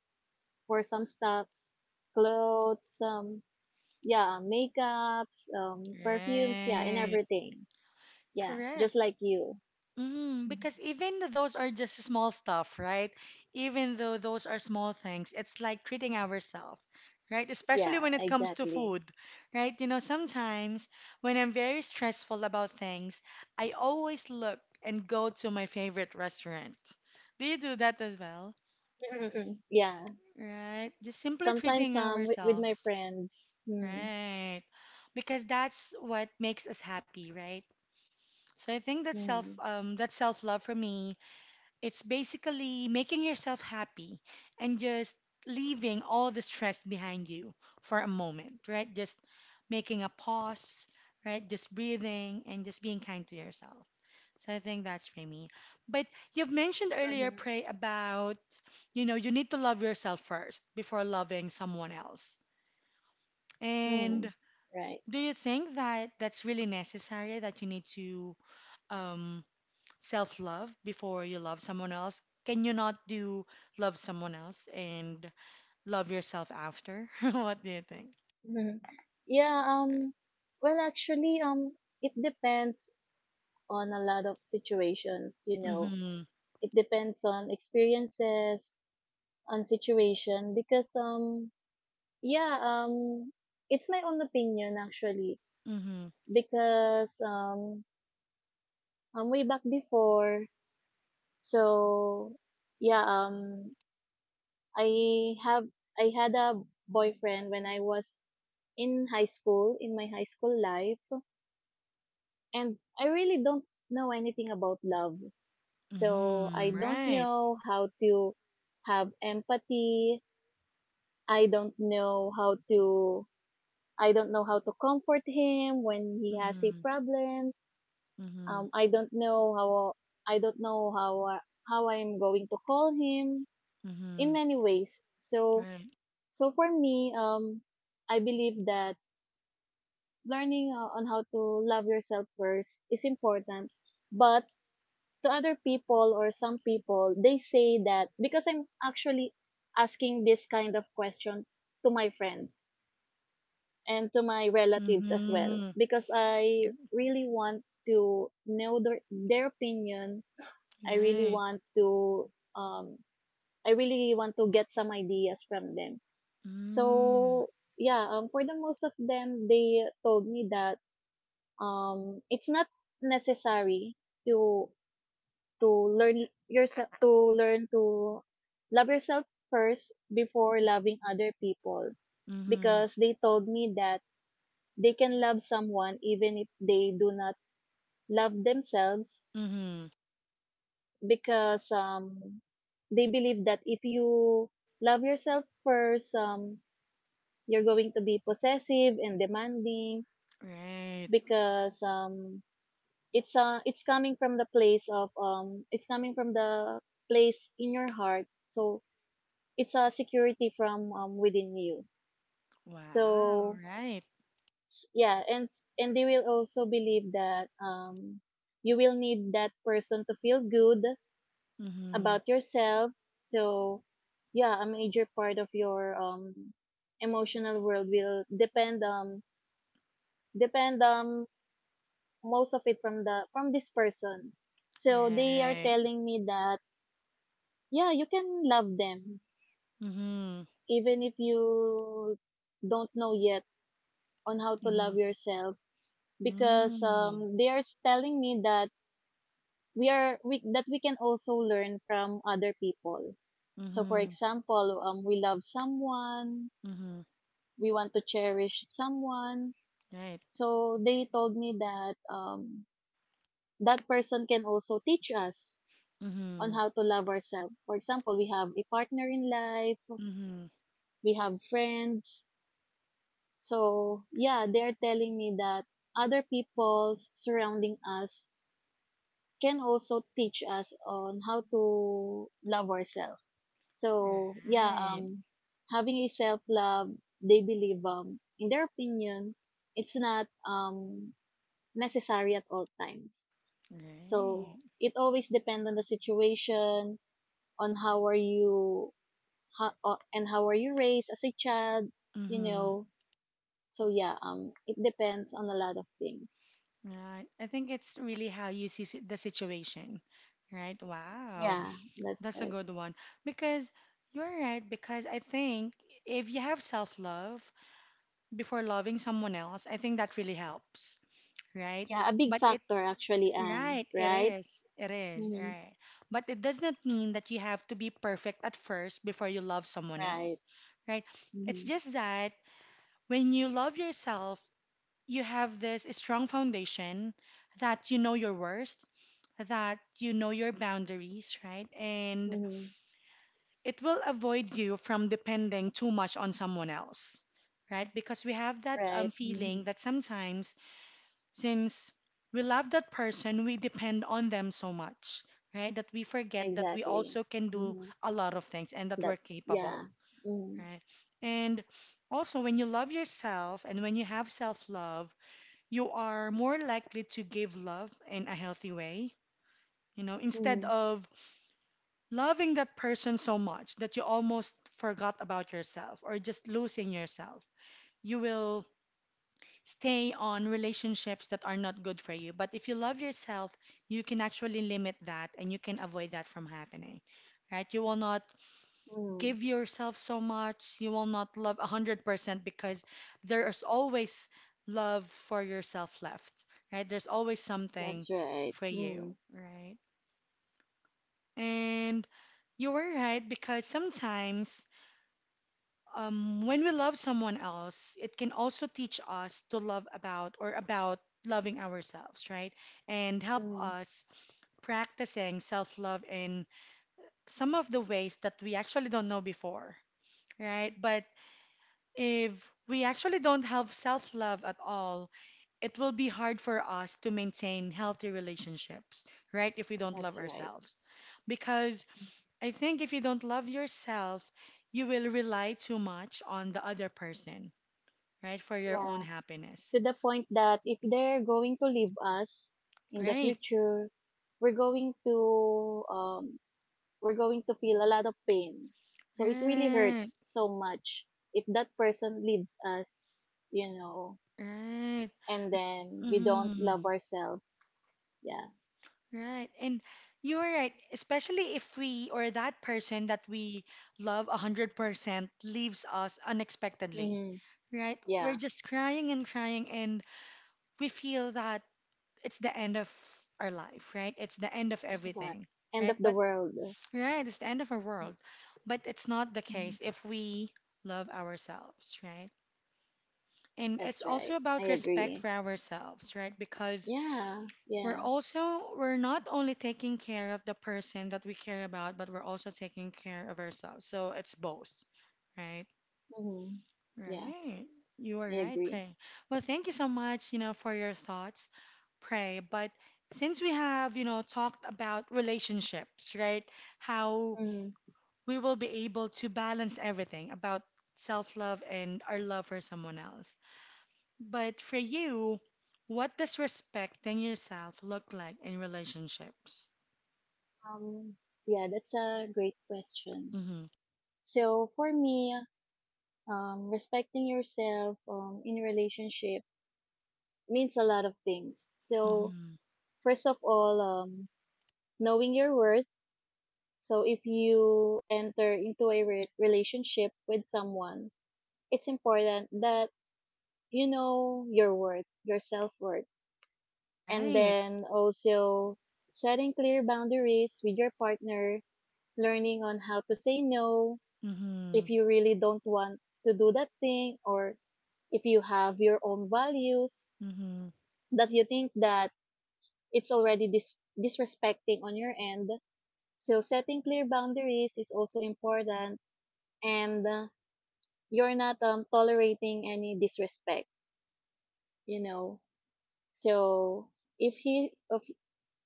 S2: for some stuffs, clothes, um, yeah, makeups, um, perfumes, yeah, and
S1: Right.
S2: everything. Yeah, just
S1: Correct.
S2: like you.
S1: Hmm.
S2: Mhm.
S1: Because even though those are just small stuff, right? Even though those are small things, it's like treating ourselves, right? Especially
S2: Yeah,
S1: when it comes to
S2: exactly.
S1: food, right? You know, sometimes when I'm very stressful about things, I always look and go to my favorite restaurant. Do you do that as well?
S2: Mm-mm-mm. Yeah,
S1: Right? Just simply
S2: sometimes
S1: treating
S2: um with, with my
S1: ourselves,
S2: friends. Mm,
S1: right? Because that's what makes us happy, right? So I think that self
S2: mm,
S1: um, that self love for me, it's basically making yourself happy and just leaving all the stress behind you for a moment, right? Just making a pause, right? Just breathing and just being kind to yourself. So I think that's for me. But you've mentioned earlier,
S2: hmm,
S1: Pray, about, you know, you need to love yourself first before loving someone else.
S2: mm,
S1: And
S2: right.
S1: do you think that that's really necessary that you need to um, self love before you love someone else? Can you not do love someone else and love yourself after? What do you think?
S2: Hmm. Yeah, um well actually, um it depends on a lot of situations, you know.
S1: Mm-hmm.
S2: It depends on experiences, on situation, because um yeah, um, it's my own opinion actually,
S1: Mm-hmm.
S2: because um, um, way back before, so yeah, um, I have I had a boyfriend when I was in high school, in my high school life, and I really don't know anything about love. So I
S1: Mm-hmm.
S2: don't
S1: Right.
S2: know how to have empathy. I don't know how to I don't know how to comfort him when he has a
S1: Mm-hmm.
S2: problems.
S1: Mm-hmm.
S2: Um, I don't know how I don't know how uh, how I am going to call him
S1: Mm-hmm.
S2: in many ways. So
S1: Right.
S2: so for me, um, I believe that learning uh, on how to love yourself first is important. But to other people or some people, they say that, because I'm actually asking this kind of question to my friends and to my relatives as
S1: Mm-hmm.
S2: well, because I really want to know their, their opinion. I really
S1: Right.
S2: want to um I really want to get some ideas from them.
S1: Mm.
S2: So yeah, um for the most of them, they told me that um it's not necessary to to learn yourself to learn to love yourself first before loving other people,
S1: Mm-hmm.
S2: because they told me that they can love someone even if they do not love themselves,
S1: Mm-hmm.
S2: because um they believe that if you love yourself first, um you're going to be possessive and demanding,
S1: Right.
S2: because um it's uh it's coming from the place of um it's coming from the place in your heart, so it's a security from, um, within you.
S1: Wow.
S2: So
S1: Right.
S2: s- yeah, and and they will also believe that um you will need that person to feel good
S1: Mm-hmm.
S2: about yourself. So yeah, a major part of your um emotional world will depend um depend, um most of it, from the from this person. So they are
S1: Right.
S2: telling me that yeah, you can love them
S1: Mm-hmm.
S2: even if you don't know yet on how to
S1: Mm-hmm.
S2: love yourself, because
S1: Mm-hmm.
S2: um they are telling me that we are we that we can also learn from other people. So for
S1: Mm-hmm.
S2: example, um we love someone,
S1: Mm-hmm.
S2: we want to cherish someone.
S1: Right.
S2: So they told me that, um, that person can also teach us on
S1: Mm-hmm.
S2: how to love ourselves. For example, we have a partner in life,
S1: Mm-hmm.
S2: we have friends. So yeah, they're telling me that other people surrounding us can also teach us on how to love ourselves. So yeah,
S1: Right.
S2: um, having a self love, they believe, um, in their opinion, it's not um necessary at all times. So
S1: Right.
S2: it always depends on the situation, on how are you, how, uh, and how are you raised as a child, you
S1: Mm-hmm.
S2: know. So yeah, um, it depends on a lot of things.
S1: Right. I think it's really how you see si- the situation, right? Wow.
S2: Yeah, that's
S1: That's a
S2: right.
S1: good one. Because you're right, because I think if you have self-love before loving someone else, I think that really helps, right?
S2: Yeah, a big
S1: But it,
S2: factor actually, Anne.
S1: right, it
S2: Right?
S1: is. It is,
S2: Mm-hmm.
S1: right. But it does not mean that you have to be perfect at first before you love someone
S2: Right.
S1: else, right? It's
S2: Mm-hmm.
S1: just that when you love yourself you have this strong foundation that you know your worth, that you know your boundaries, right? And
S2: Mm-hmm.
S1: it will avoid you from depending too much on someone else, right? Because we have that um,
S2: Right. Mm-hmm.
S1: feeling that sometimes, since we love that person, we depend on them so much, right? That we forget that we
S2: Exactly.
S1: also can do
S2: Mm-hmm.
S1: a lot of things and that
S2: That.
S1: we're
S2: Yeah.
S1: capable,
S2: Mm-hmm.
S1: right? And also, when you love yourself and when you have self love, you are more likely to give love in a healthy way, you know, instead
S2: Mm-hmm.
S1: of loving that person so much that you almost forgot about yourself or just losing yourself. You will stay on relationships that are not good for you. But if you love yourself, you can actually limit that and you can avoid that from happening, right? You will not
S2: Mm-hmm.
S1: give yourself so much, you will not love one hundred percent because there is always love for yourself left, right? There's always
S2: That's
S1: something
S2: right.
S1: for you,
S2: Mm-hmm.
S1: right? And you were right because sometimes um, when we love someone else, it can also teach us to love about or about loving ourselves, right? And help
S2: Mm-hmm.
S1: us practicing self love in some of the ways that we actually don't know before, right? But if we actually don't have self-love at all, it will be hard for us to maintain healthy relationships, right? If we don't love
S2: That's right.
S1: ourselves. Because I think if you don't love yourself, you will rely too much on the other person, right? For your own
S2: Yeah,
S1: happiness.
S2: to the point that if they're going to leave us in the
S1: Right,
S2: future, we're going to um we're going to feel a lot of pain. So it really
S1: right,
S2: hurts so much if that person leaves us, you know,
S1: right.
S2: and
S1: It's,
S2: then we don't
S1: mm-hmm.
S2: love ourselves. Yeah.
S1: Right. And you're right, especially if we or that person that we love one hundred percent leaves us unexpectedly,
S2: Mm-hmm.
S1: right? We're
S2: Yeah.
S1: just crying and crying, and we feel that it's the end of our life, right? It's the end of
S2: Yeah.
S1: everything,
S2: End of
S1: right?
S2: the
S1: But,
S2: world.
S1: right, it's the end of our world. But it's not the
S2: Mhm.
S1: case if we love ourselves, right? And it's
S2: That's
S1: also
S2: right. I
S1: about respect
S2: agree.
S1: for ourselves, right? Because
S2: Yeah.
S1: we're
S2: Yeah.
S1: also we're not only taking care of the person that we care about, but we're also taking care of ourselves. So it's both, right?
S2: Mm-hmm. Yeah.
S1: Right. You are
S2: I
S1: right,
S2: agree.
S1: Pray. Well, thank you so much, you know, for your thoughts, Pray. But since we have, you know, talked about relationships, right? How
S2: Hmm.
S1: we will be able to balance everything about self-love and our love for someone else. But for you, what does respecting yourself look like in relationships?
S2: Um, yeah, that's a great question.
S1: Mm-hmm.
S2: So for me, um, respecting yourself, um, in relationship means a lot of things. So
S1: Mm-hmm.
S2: first of all, um, knowing your worth. So if you enter into a re- relationship with someone, it's important that you know your worth, your self-worth, and
S1: Right.
S2: then also setting clear boundaries with your partner, learning on how to say no,
S1: Mm-hmm.
S2: if you really don't want to do that thing, or if you have your own values
S1: Mm-hmm.
S2: that you think that it's already dis- disrespecting on your end. So setting clear boundaries is also important, and uh, you're not, um, tolerating any disrespect, you know. So if he of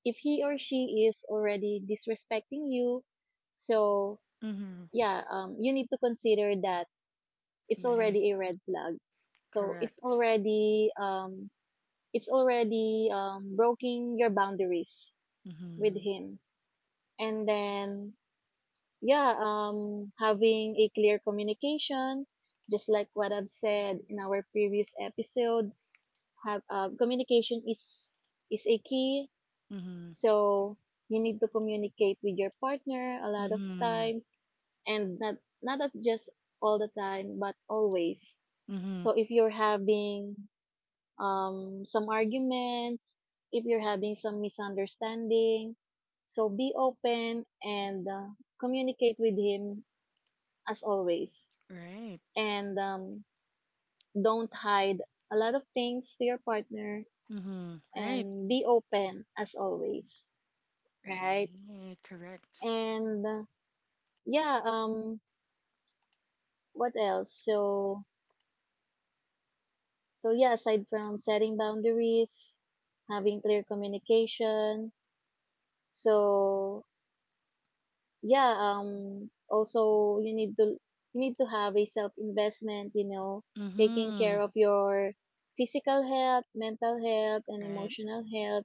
S2: if he or she is already disrespecting you, so
S1: Mm-hmm.
S2: yeah, um you need to consider that it's
S1: Right.
S2: already a red flag. So it's
S1: Correct.
S2: already um it's already um breaking your boundaries with
S1: Mm-hmm.
S2: him. And then yeah, um having a clear communication, just like what I've said in our previous episode, have uh, communication is is a key.
S1: Mm-hmm.
S2: So you need to communicate with your partner a lot of
S1: Mm-hmm.
S2: times, and not not at just all the time but always.
S1: Mm-hmm.
S2: So if you're having, um, some arguments, if you're having some misunderstanding. So be open and, uh, communicate with him as always.
S1: Right.
S2: And um, don't hide a lot of things to your partner,
S1: Mm-hmm. Right.
S2: and be open as always, right?
S1: Right. Correct.
S2: And, uh, yeah, um, what else? So, so yeah, aside from setting boundaries, having clear communication, so yeah, um also you need to you need to have a self investment, you know, taking
S1: Mm-hmm.
S2: care of your physical health, mental health and
S1: Right.
S2: emotional health.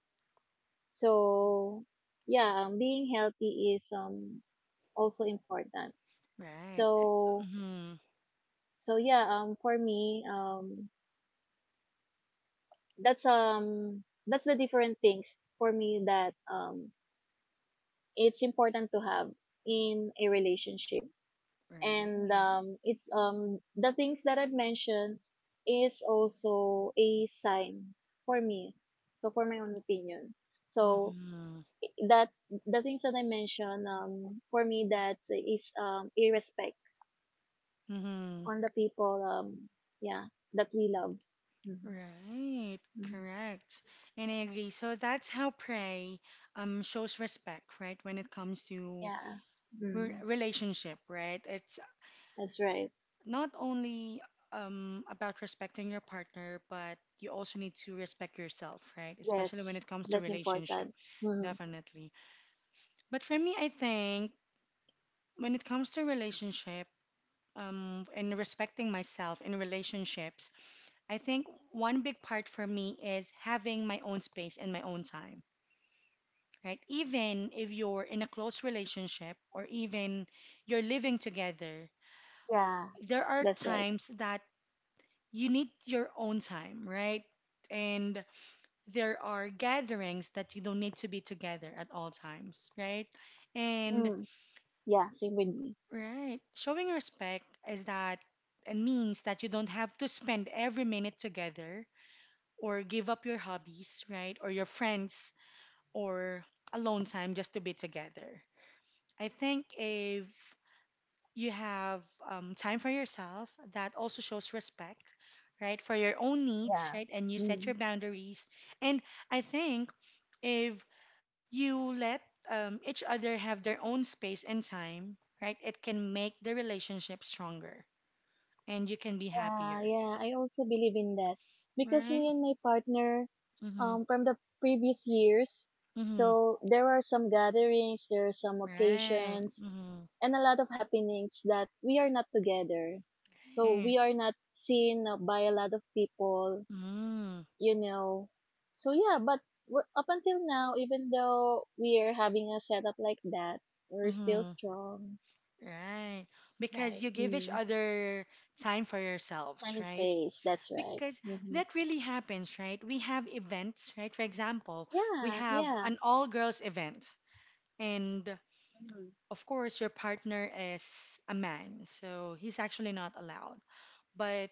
S2: So yeah, um, being healthy is um also important.
S1: Right. It's
S2: So
S1: mm-hmm.
S2: so yeah, um for me, um that's um that's the different things for me that um it's important to have in a relationship, and
S1: Right.
S2: um, it's um the things that I've mentioned is also a sign for me. So for my own opinion, so
S1: Mm-hmm.
S2: that the things that I mentioned, um for me, that's is um a respect
S1: Mm-hmm.
S2: on the people, um yeah, that we love. Mhm.
S1: Right.
S2: Mhm.
S1: Correct. And I agree. So that's how Pray um shows respect, right? When it comes to
S2: Yeah.
S1: re-
S2: Mhm.
S1: relationship, right? It's
S2: That's right.
S1: not only um, about respecting your partner, but you also need to respect yourself, right? Especially when
S2: Yes,
S1: it comes to
S2: that's
S1: relationship,
S2: important. Mhm.
S1: definitely. But for me, I think when it comes to relationship um, and respecting myself in relationships, I think one big part for me is having my own space and my own time. Right? Even if you're in a close relationship or even you're living together,
S2: Yeah,
S1: there are
S2: that's right.
S1: times that you need your own time, right? And there are gatherings that you don't need to be together at all times, right? And
S2: Mm. Yeah, same with me.
S1: right, showing respect is that it means that you don't have to spend every minute together or give up your hobbies, right? Or your friends or alone time just to be together. I think if you have um, time for yourself, that also shows respect, right, for your own needs,
S2: Yeah.
S1: right, and you set your
S2: Mm.
S1: boundaries. And I think if you let um, each other have their own space and time, right, it can make the relationship stronger and you can be
S2: Yeah,
S1: happier,
S2: yeah, I also believe in that, because
S1: right.
S2: me and my partner,
S1: Mm-hmm.
S2: um, from the previous years,
S1: Mm-hmm.
S2: so there are some gatherings, there are some
S1: Right.
S2: occasions,
S1: Mm-hmm.
S2: and a lot of happenings that we are not together. So
S1: Right.
S2: we are not seen, uh, by a lot of people,
S1: Mm-hmm.
S2: you know. So yeah, but we're, up until now, even though we are having a setup like that, we're still
S1: Mm-hmm.
S2: strong.
S1: Right, because
S2: Right.
S1: you give each
S2: Mm.
S1: other time for
S2: Time
S1: yourselves,
S2: and
S1: right.
S2: space, that's right.
S1: Because
S2: Hmm.
S1: that really happens, right? We have events, right? For example, we
S2: Yeah,
S1: have
S2: yeah.
S1: an all girls event, and
S2: Mhm.
S1: of course, your partner is a man, so he's actually not allowed. But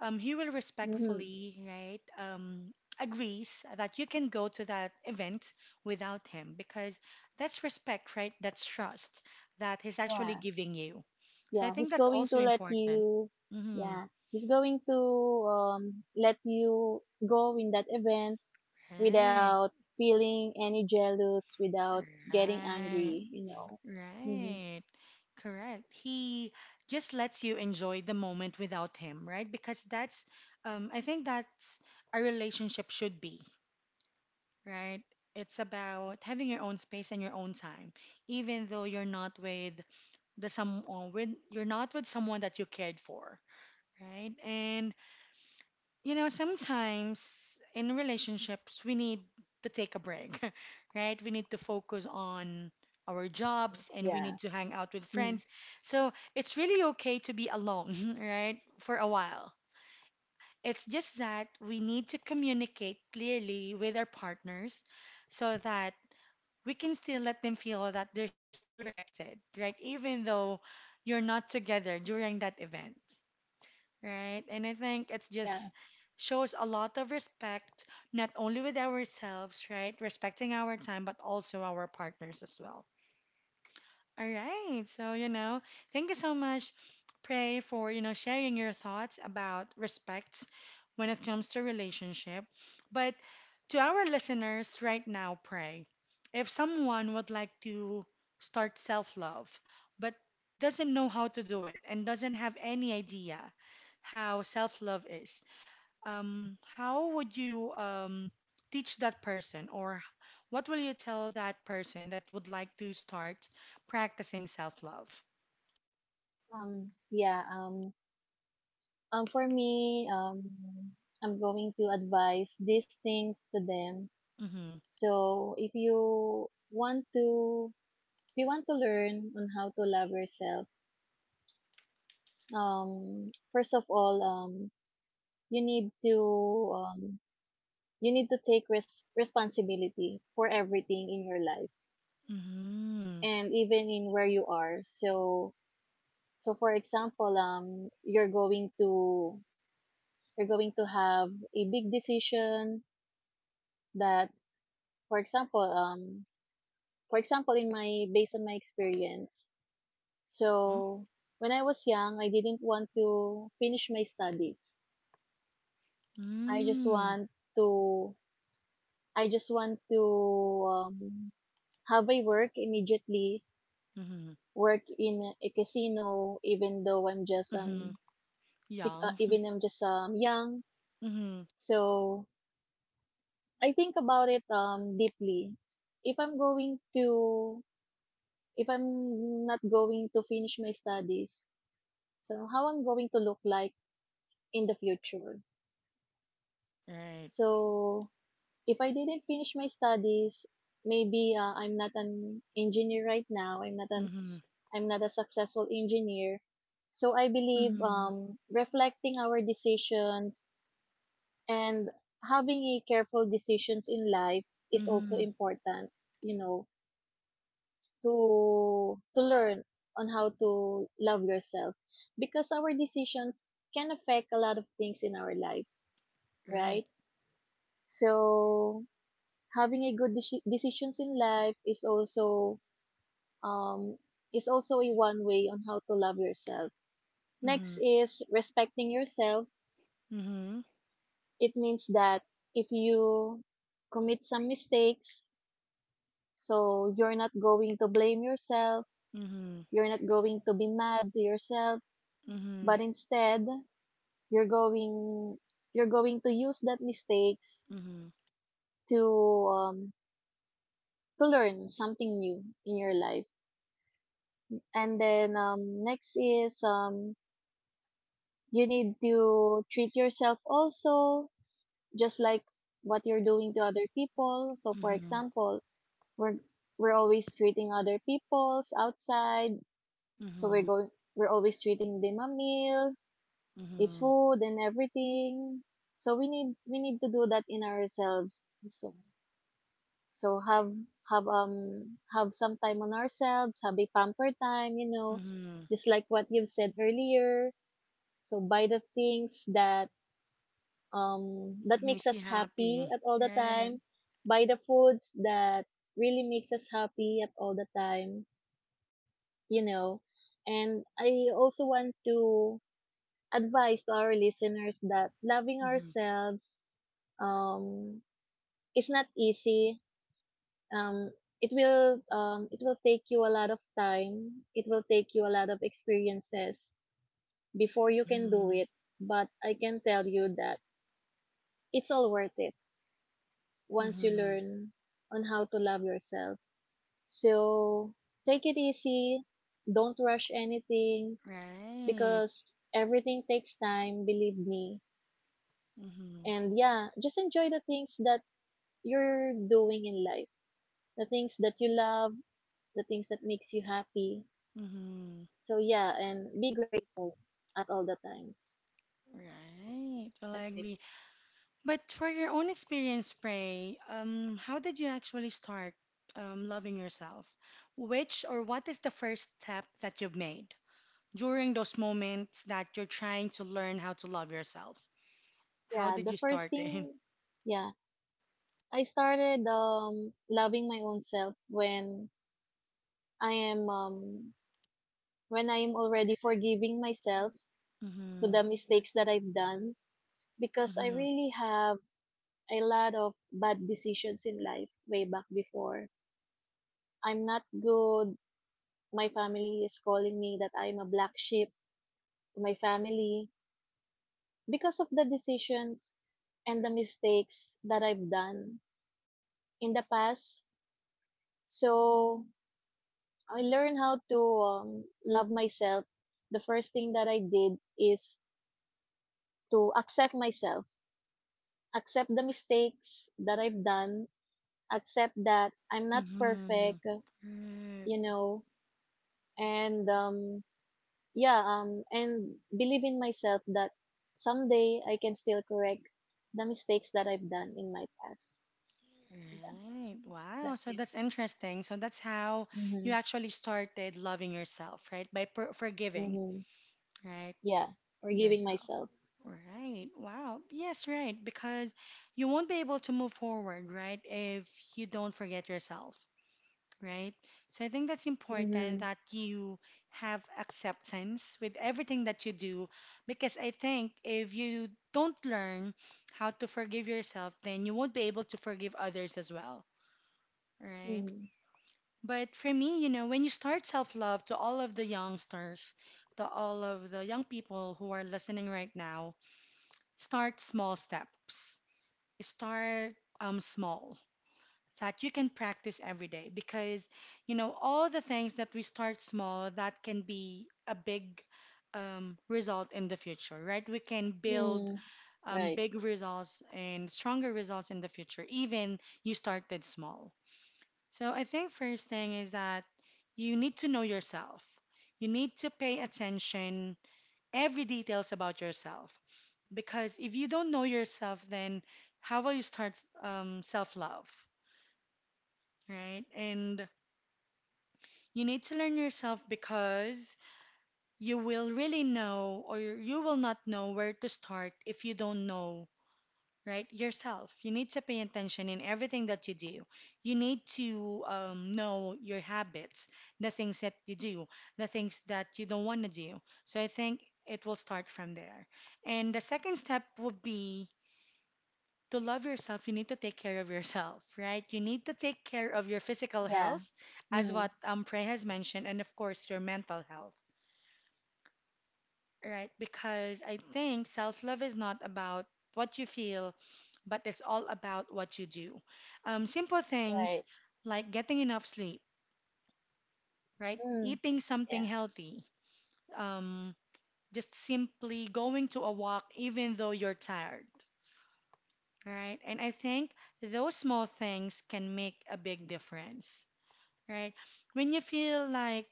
S1: um, he will
S2: Mhm.
S1: respectfully, right, um, agrees that you can go to that event without him because that's respect, right? That's trust that he's actually
S2: Yeah.
S1: giving you. So I
S2: Yeah.
S1: think
S2: He's
S1: that's
S2: going to
S1: also
S2: let
S1: important.
S2: you,
S1: Hmm.
S2: yeah. He's going to um let you go in that event
S1: Right,
S2: without feeling any jealous, without getting
S1: right.
S2: angry, you know. Mhm.
S1: Right. Correct. He just lets you enjoy the moment without him, right? Because that's, um, I think that's a relationship should be, right? It's about having your own space and your own time, even though you're not with the some, uh, with you're not with someone that you cared for, right? And you know, sometimes in relationships, we need to take a break, right? We need to focus on our
S2: Mm-mm.
S1: jobs and we need
S2: Yeah.
S1: to hang out with
S2: Mm.
S1: friends. So it's really okay to be alone, right? For a while. It's just that we need to communicate clearly with our partners so that we can still let them feel that they're still respected, right? Even though you're not together during that event, right? And I think it's
S2: Yeah.
S1: just shows a lot of respect, not only with ourselves, right? Respecting our time, but also our partners as well. All right. So, you know, thank you so much, Pray, for, you know, sharing your thoughts about respect when it comes to relationship. But to our listeners right now, Pray, if someone would like to start self-love but doesn't know how to do it and doesn't have any idea how self-love is, um, how would you um, teach that person, or what will you tell that person that would like to start practicing self-love?
S2: Um yeah, um um for me, um I'm going to advise these things to them.
S1: Mm-hmm.
S2: So if you want to if you want to learn on how to love yourself, um first of all um you need to um you need to take res- responsibility for everything in your life
S1: Mm-hmm.
S2: and even in where you are. So, so for example, um you're going to you're going to have a big decision that, for example, um for example, in my based on my experience.
S1: Mm-hmm.
S2: So when I was young, I didn't want to finish my studies. i just
S1: Mm-hmm.
S2: want to I just want to, um, have a work immediately,
S1: Mm-hmm.
S2: work in a casino, even though I'm just
S1: Mm-hmm.
S2: um, sick, uh,
S1: Yeah.
S2: even I'm just um young.
S1: Mm-hmm.
S2: So I think about it um deeply. If I'm going to, if I'm not going to finish my studies, so how I'm going to look like in the future.
S1: Right.
S2: So if I didn't finish my studies, maybe uh, I'm not an engineer right now. I'm not an
S1: Mm-hmm.
S2: I'm not a successful engineer. So I believe,
S1: Mm-hmm.
S2: um, reflecting our decisions and having a careful decisions in life is also
S1: Mm-hmm.
S2: important, you know, to to learn on how to love yourself, because our decisions can affect a lot of things in our life,
S1: Right.
S2: right? So having a good deci- decisions in life is also um is also a one way on how to love yourself.
S1: Mm-hmm.
S2: Next is respecting yourself.
S1: Mm-hmm.
S2: It means that if you commit some mistakes, so you're not going to blame yourself,
S1: Mm-hmm.
S2: you're not going to be mad to yourself,
S1: Mm-hmm.
S2: but instead, you're going you're going to use that mistakes
S1: Mm-hmm.
S2: to um to learn something new in your life. And then um next is, um you need to treat yourself also just like what you're doing to other people. So for
S1: Mm-hmm.
S2: example, we're we're always treating other people's outside, so we're
S1: Mm-hmm.
S2: going we're always treating them a meal, a
S1: Mm-hmm.
S2: food and everything. So we need we need to do that in ourselves. So so have have um have some time on ourselves, have a pamper time, you know,
S1: Mm-hmm.
S2: just like what you've said earlier. So buy the things that um that makes
S1: Makes you
S2: us happy
S1: happy.
S2: at all the
S1: Right.
S2: time, buy the foods that really makes us happy at all the time, you know. And I also want to advise to our listeners that loving
S1: Mm-hmm.
S2: ourselves um is not easy. Um it will um it will take you a lot of time. It will take you a lot of experiences before you can do
S1: Mm-hmm.
S2: it, but I can tell you that it's all worth it once you
S1: Mm-hmm.
S2: learn on how to love yourself. So take it easy, don't rush anything
S1: Right.
S2: because everything takes time, believe me.
S1: Mm-hmm.
S2: And yeah, just enjoy the things that you're doing in life, the things that you love, the things that makes you happy.
S1: Mm-hmm.
S2: So yeah, and be great at all the times.
S1: Right. Well, I
S2: That's it.
S1: agree. But for your own experience, Pray, um, how did you actually start um, loving yourself? Which, or what is the first step that you've made during those moments that you're trying to learn how to love yourself? How
S2: Yeah,
S1: did
S2: the
S1: you
S2: first
S1: start it?
S2: thing, yeah, I started um loving my own self when I am um when I am already forgiving myself to
S1: Mm-hmm.
S2: the mistakes that I've done, because I
S1: Mm-hmm.
S2: really have a lot of bad decisions in life way back before. I'm not good. My family is calling me that I'm a black sheep to my family because of the decisions and the mistakes that I've done in the past. So I learned how to, um, love myself. The first thing that I did is to accept myself, accept the mistakes that I've done, accept that I'm not
S1: Mm-hmm.
S2: perfect, you know, and um, yeah um and believe in myself that someday I can still correct the mistakes that I've done in my past. So yeah,
S1: Right. Wow.
S2: that's
S1: So
S2: it.
S1: that's interesting. So that's how you
S2: Mhm.
S1: actually started loving yourself, right? By per- forgiving,
S2: Mhm.
S1: right?
S2: Yeah, forgiving
S1: Yourself.
S2: myself.
S1: Right. Wow. Yes, right. Because you won't be able to move forward, right? If you don't forget yourself, right? So I think that's important
S2: Mhm.
S1: that you have acceptance with everything that you do. Because I think if you don't learn how to forgive yourself, then you won't be able to forgive others as well, right?
S2: Mhm.
S1: But for me, you know, when you start self-love to all of the youngsters, to all of the young people who are listening right now, start small steps. Start um small that you can practice every day because you know all the things that we start small that can be a big um, result in the future, right? We can build
S2: Mhm.
S1: um,
S2: Right.
S1: big results and stronger results in the future, even you started small. So I think first thing is that you need to know yourself. You need to pay attention every details about yourself because if you don't know yourself, then how will you start um, self-love, right? And you need to learn yourself because you will really know or you will not know where to start if you don't know, right? Yourself. You need to pay attention in everything that you do. You need to um, know your habits, the things that you do, the things that you don't want to do. So I think it will start from there. And the second step would be to love yourself, you need to take care of yourself, right? You need to take care of your physical
S2: Yeah.
S1: health, as
S2: Mhm.
S1: what um, Prey has mentioned, and of course, your mental health. Right, because I think self-love is not about what you feel, but it's all about what you do. Um, simple things
S2: Right.
S1: like getting enough sleep, right?
S2: Mhm.
S1: Eating something
S2: Yeah.
S1: healthy, um, just simply going to a walk even though you're tired, right? And I think those small things can make a big difference, right? When you feel like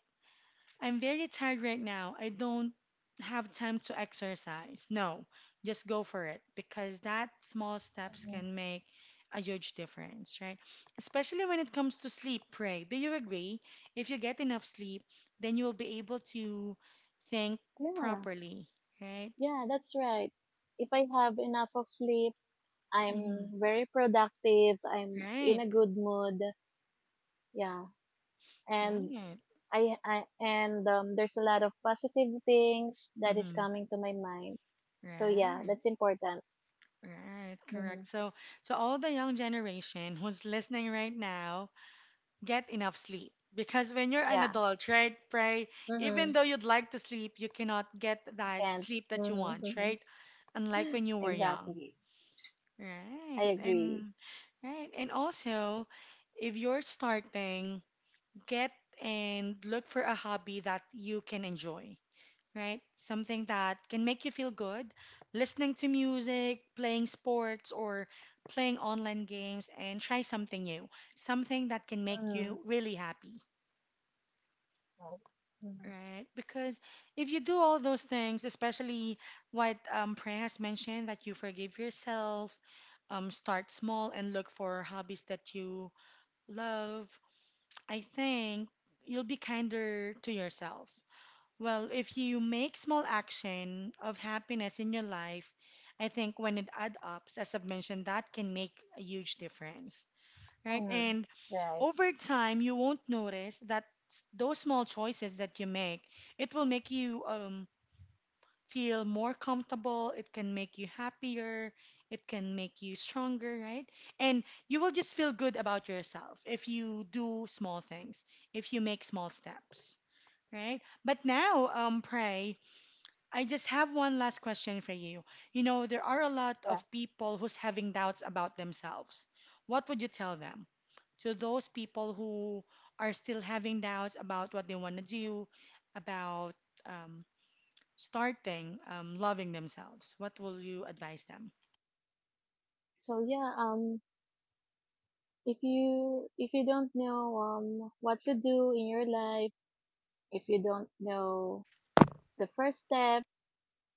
S1: I'm very tired right now. I don't have time to exercise. No, just go for it because that small steps
S2: Mhm.
S1: can make a huge difference, right? Especially when it comes to sleep, Pray. Do you agree? If you get enough sleep, then you will be able to think
S2: Yeah,
S1: properly, right?
S2: yeah, that's right. If I have enough of sleep, I'm
S1: Hmm.
S2: very productive, I'm in
S1: Right,
S2: a good mood. Yeah. And
S1: right.
S2: I, I and um, there's a lot of positive things that is
S1: Hmm.
S2: coming to my mind. So yeah,
S1: Right,
S2: that's important.
S1: right,
S2: Hmm.
S1: correct. So, so all the young generation who's listening right now, get enough sleep. Because when you're an
S2: Yeah.
S1: adult, right, pray, even
S2: Hmm.
S1: though you'd like to sleep, you cannot get
S2: I
S1: that
S2: can't.
S1: sleep that
S2: Hmm.
S1: you want,
S2: Hmm.
S1: right? Unlike when you were young.
S2: Exactly. I
S1: Right.
S2: agree.
S1: And right. And also, if you're starting, get and look for a hobby that you can enjoy, right? Something that can make you feel good, listening to music, playing sports, or playing online games, and try something new, something that can make
S2: Mm-hmm.
S1: you really happy.
S2: Right. Mm-hmm.
S1: Right, because if you do all those things, especially what um, Pre has mentioned, that you forgive yourself, um, start small, and look for hobbies that you love, I think you'll be kinder to yourself. Well, if you make small action of happiness in your life, I think when it adds up, as I've mentioned, that can make a huge difference, right?
S2: Mm-hmm.
S1: And
S2: Right.
S1: over time you won't notice that s- those small choices that you make, it will make you um, feel more comfortable, it can make you happier, it can make you stronger, right. And you will just feel good about yourself if you do small things, if you make small steps, right. But now, um pray, I just have one last question for you. You know, there are a lot
S2: Yeah.
S1: of people who's having doubts about themselves. What would you tell them, to those people who are still having doubts about what they want to do, about um, starting um, loving themselves? What will you advise them?
S2: So yeah, um, if you if you don't know um what to do in your life, if you don't know the first step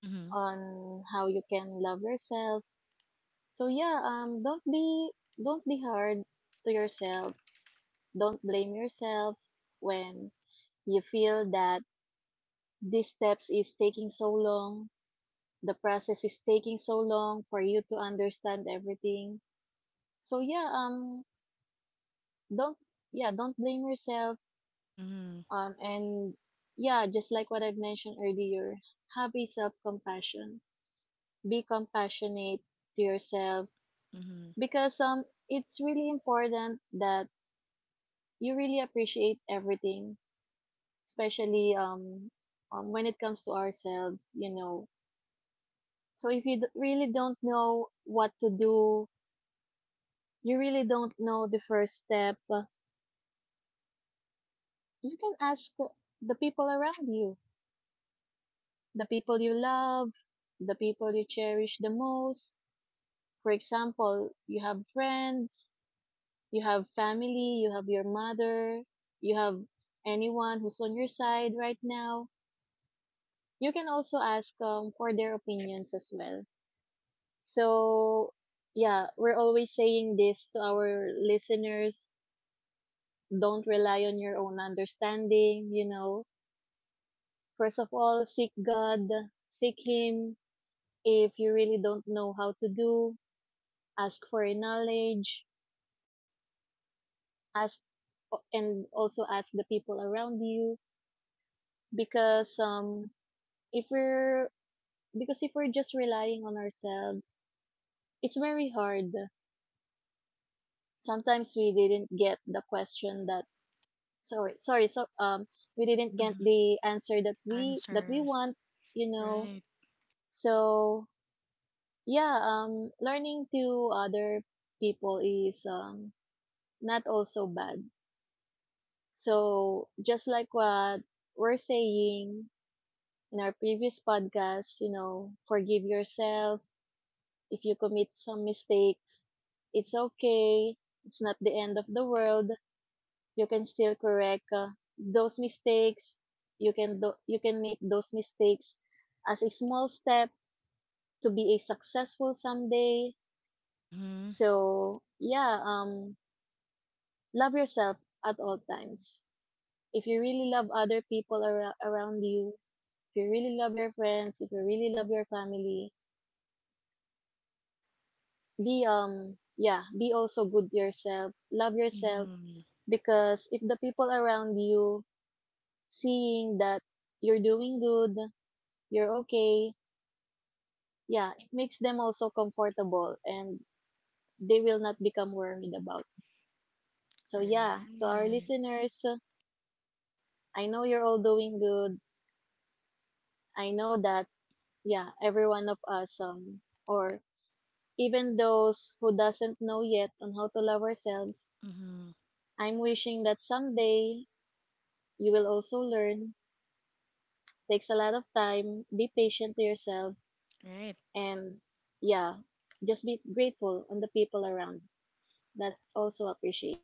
S1: Mm-hmm.
S2: on how you can love yourself. So yeah, um, don't be don't be hard to yourself. Don't blame yourself when you feel that these steps is taking so long, the process is taking so long for you to understand everything. So yeah, um, don't yeah, don't blame yourself.
S1: Mm-hmm.
S2: Um, and yeah, just like what I've mentioned earlier, have a self compassion. Be compassionate to yourself
S1: Mm-hmm.
S2: because, um, it's really important that you really appreciate everything, especially um, um when it comes to ourselves, you know. So if you d- really don't know what to do, you really don't know the first step, uh, you can ask the people around you, the people you love, the people you cherish the most. For example, you have friends, you have family, you have your mother, you have anyone who's on your side right now. You can also ask, um, for their opinions as well. So, yeah, we're always saying this to our listeners. Don't rely on your own understanding, you know. First of all, seek God, seek Him. If you really don't know how to do, ask for knowledge, ask, and also ask the people around you. Because, um, if we're, because if we're just relying on ourselves, it's very hard. Sometimes we didn't get the question that, sorry sorry so um we didn't get the answer that we that we
S1: Answers.
S2: want, you know.
S1: Right.
S2: So yeah, um learning to other people is um not also bad. So just like what we're saying in our previous podcast, you know, forgive yourself. If you commit some mistakes, it's okay, it's not the end of the world. You can still correct, uh, those mistakes. You can do, you can make those mistakes as a small step to be a successful someday.
S1: Mm-hmm.
S2: So yeah, um love yourself at all times. If you really love other people ar- around you, if you really love your friends, if you really love your family, be um yeah, be also good to yourself, love yourself.
S1: Mm-hmm.
S2: Because if the people around you seeing that you're doing good, you're okay, yeah, it makes them also comfortable and they will not become worried about. So yeah, to our
S1: Right.
S2: listeners, uh, I know you're all doing good. I know that, yeah, every one of us um or even those who doesn't know yet on how to love ourselves,
S1: Mm-hmm.
S2: I'm wishing that someday you will also learn. Takes a lot of time. Be patient to yourself
S1: Right.
S2: and yeah, just be grateful on the people around that also appreciate.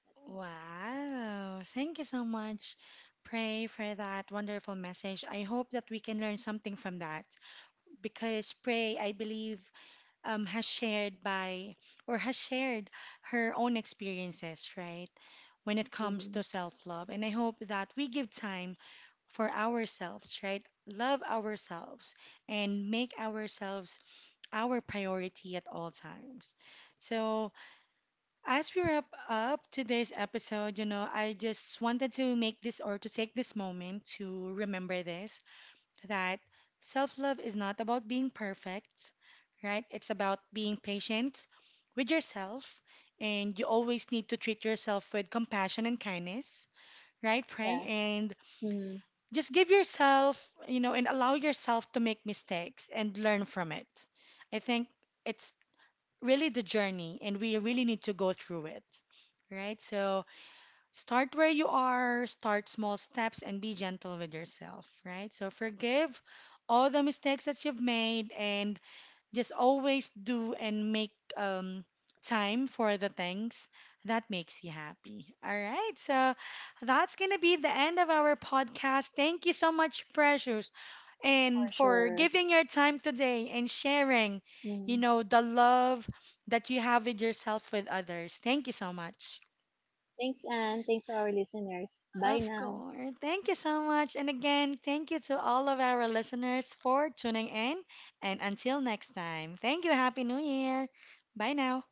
S2: Let's see.
S1: Wow. Thank you so much, Pray, for that wonderful message. I hope that we can learn something from that. Because Prey, I believe, um, has shared by or has shared her own experiences, right? When
S2: Mhm.
S1: it comes to self love. And I hope that we give time for ourselves, right? Love ourselves and make ourselves our priority at all times. So, as we wrap up today's episode, you know, I just wanted to make this or to take this moment to remember this that self love is not about being perfect, right? It's about being patient with yourself, and you always need to treat yourself with compassion and kindness, right? Pray,
S2: Yeah.
S1: and
S2: Mm,
S1: just give yourself, you know, and allow yourself to make mistakes and learn from it. I think it's really the journey, and we really need to go through it, right? So, start where you are, start small steps, and be gentle with yourself, right? So forgive all the mistakes that you've made and just always do and make um, time for the things that makes you happy. All right. So that's going to be the end of our podcast. Thank you so much, Precious,
S2: for
S1: and for
S2: sure.
S1: giving your time today and sharing, you
S2: Mm.
S1: know, the love that you have with yourself with others. Thank you so much.
S2: Thanks, Anne. Thanks to our listeners. Bye
S1: Of
S2: now.
S1: course. Thank you so much. And again, thank you to all of our listeners for tuning in. And until next time, thank you. Happy New Year. Bye now.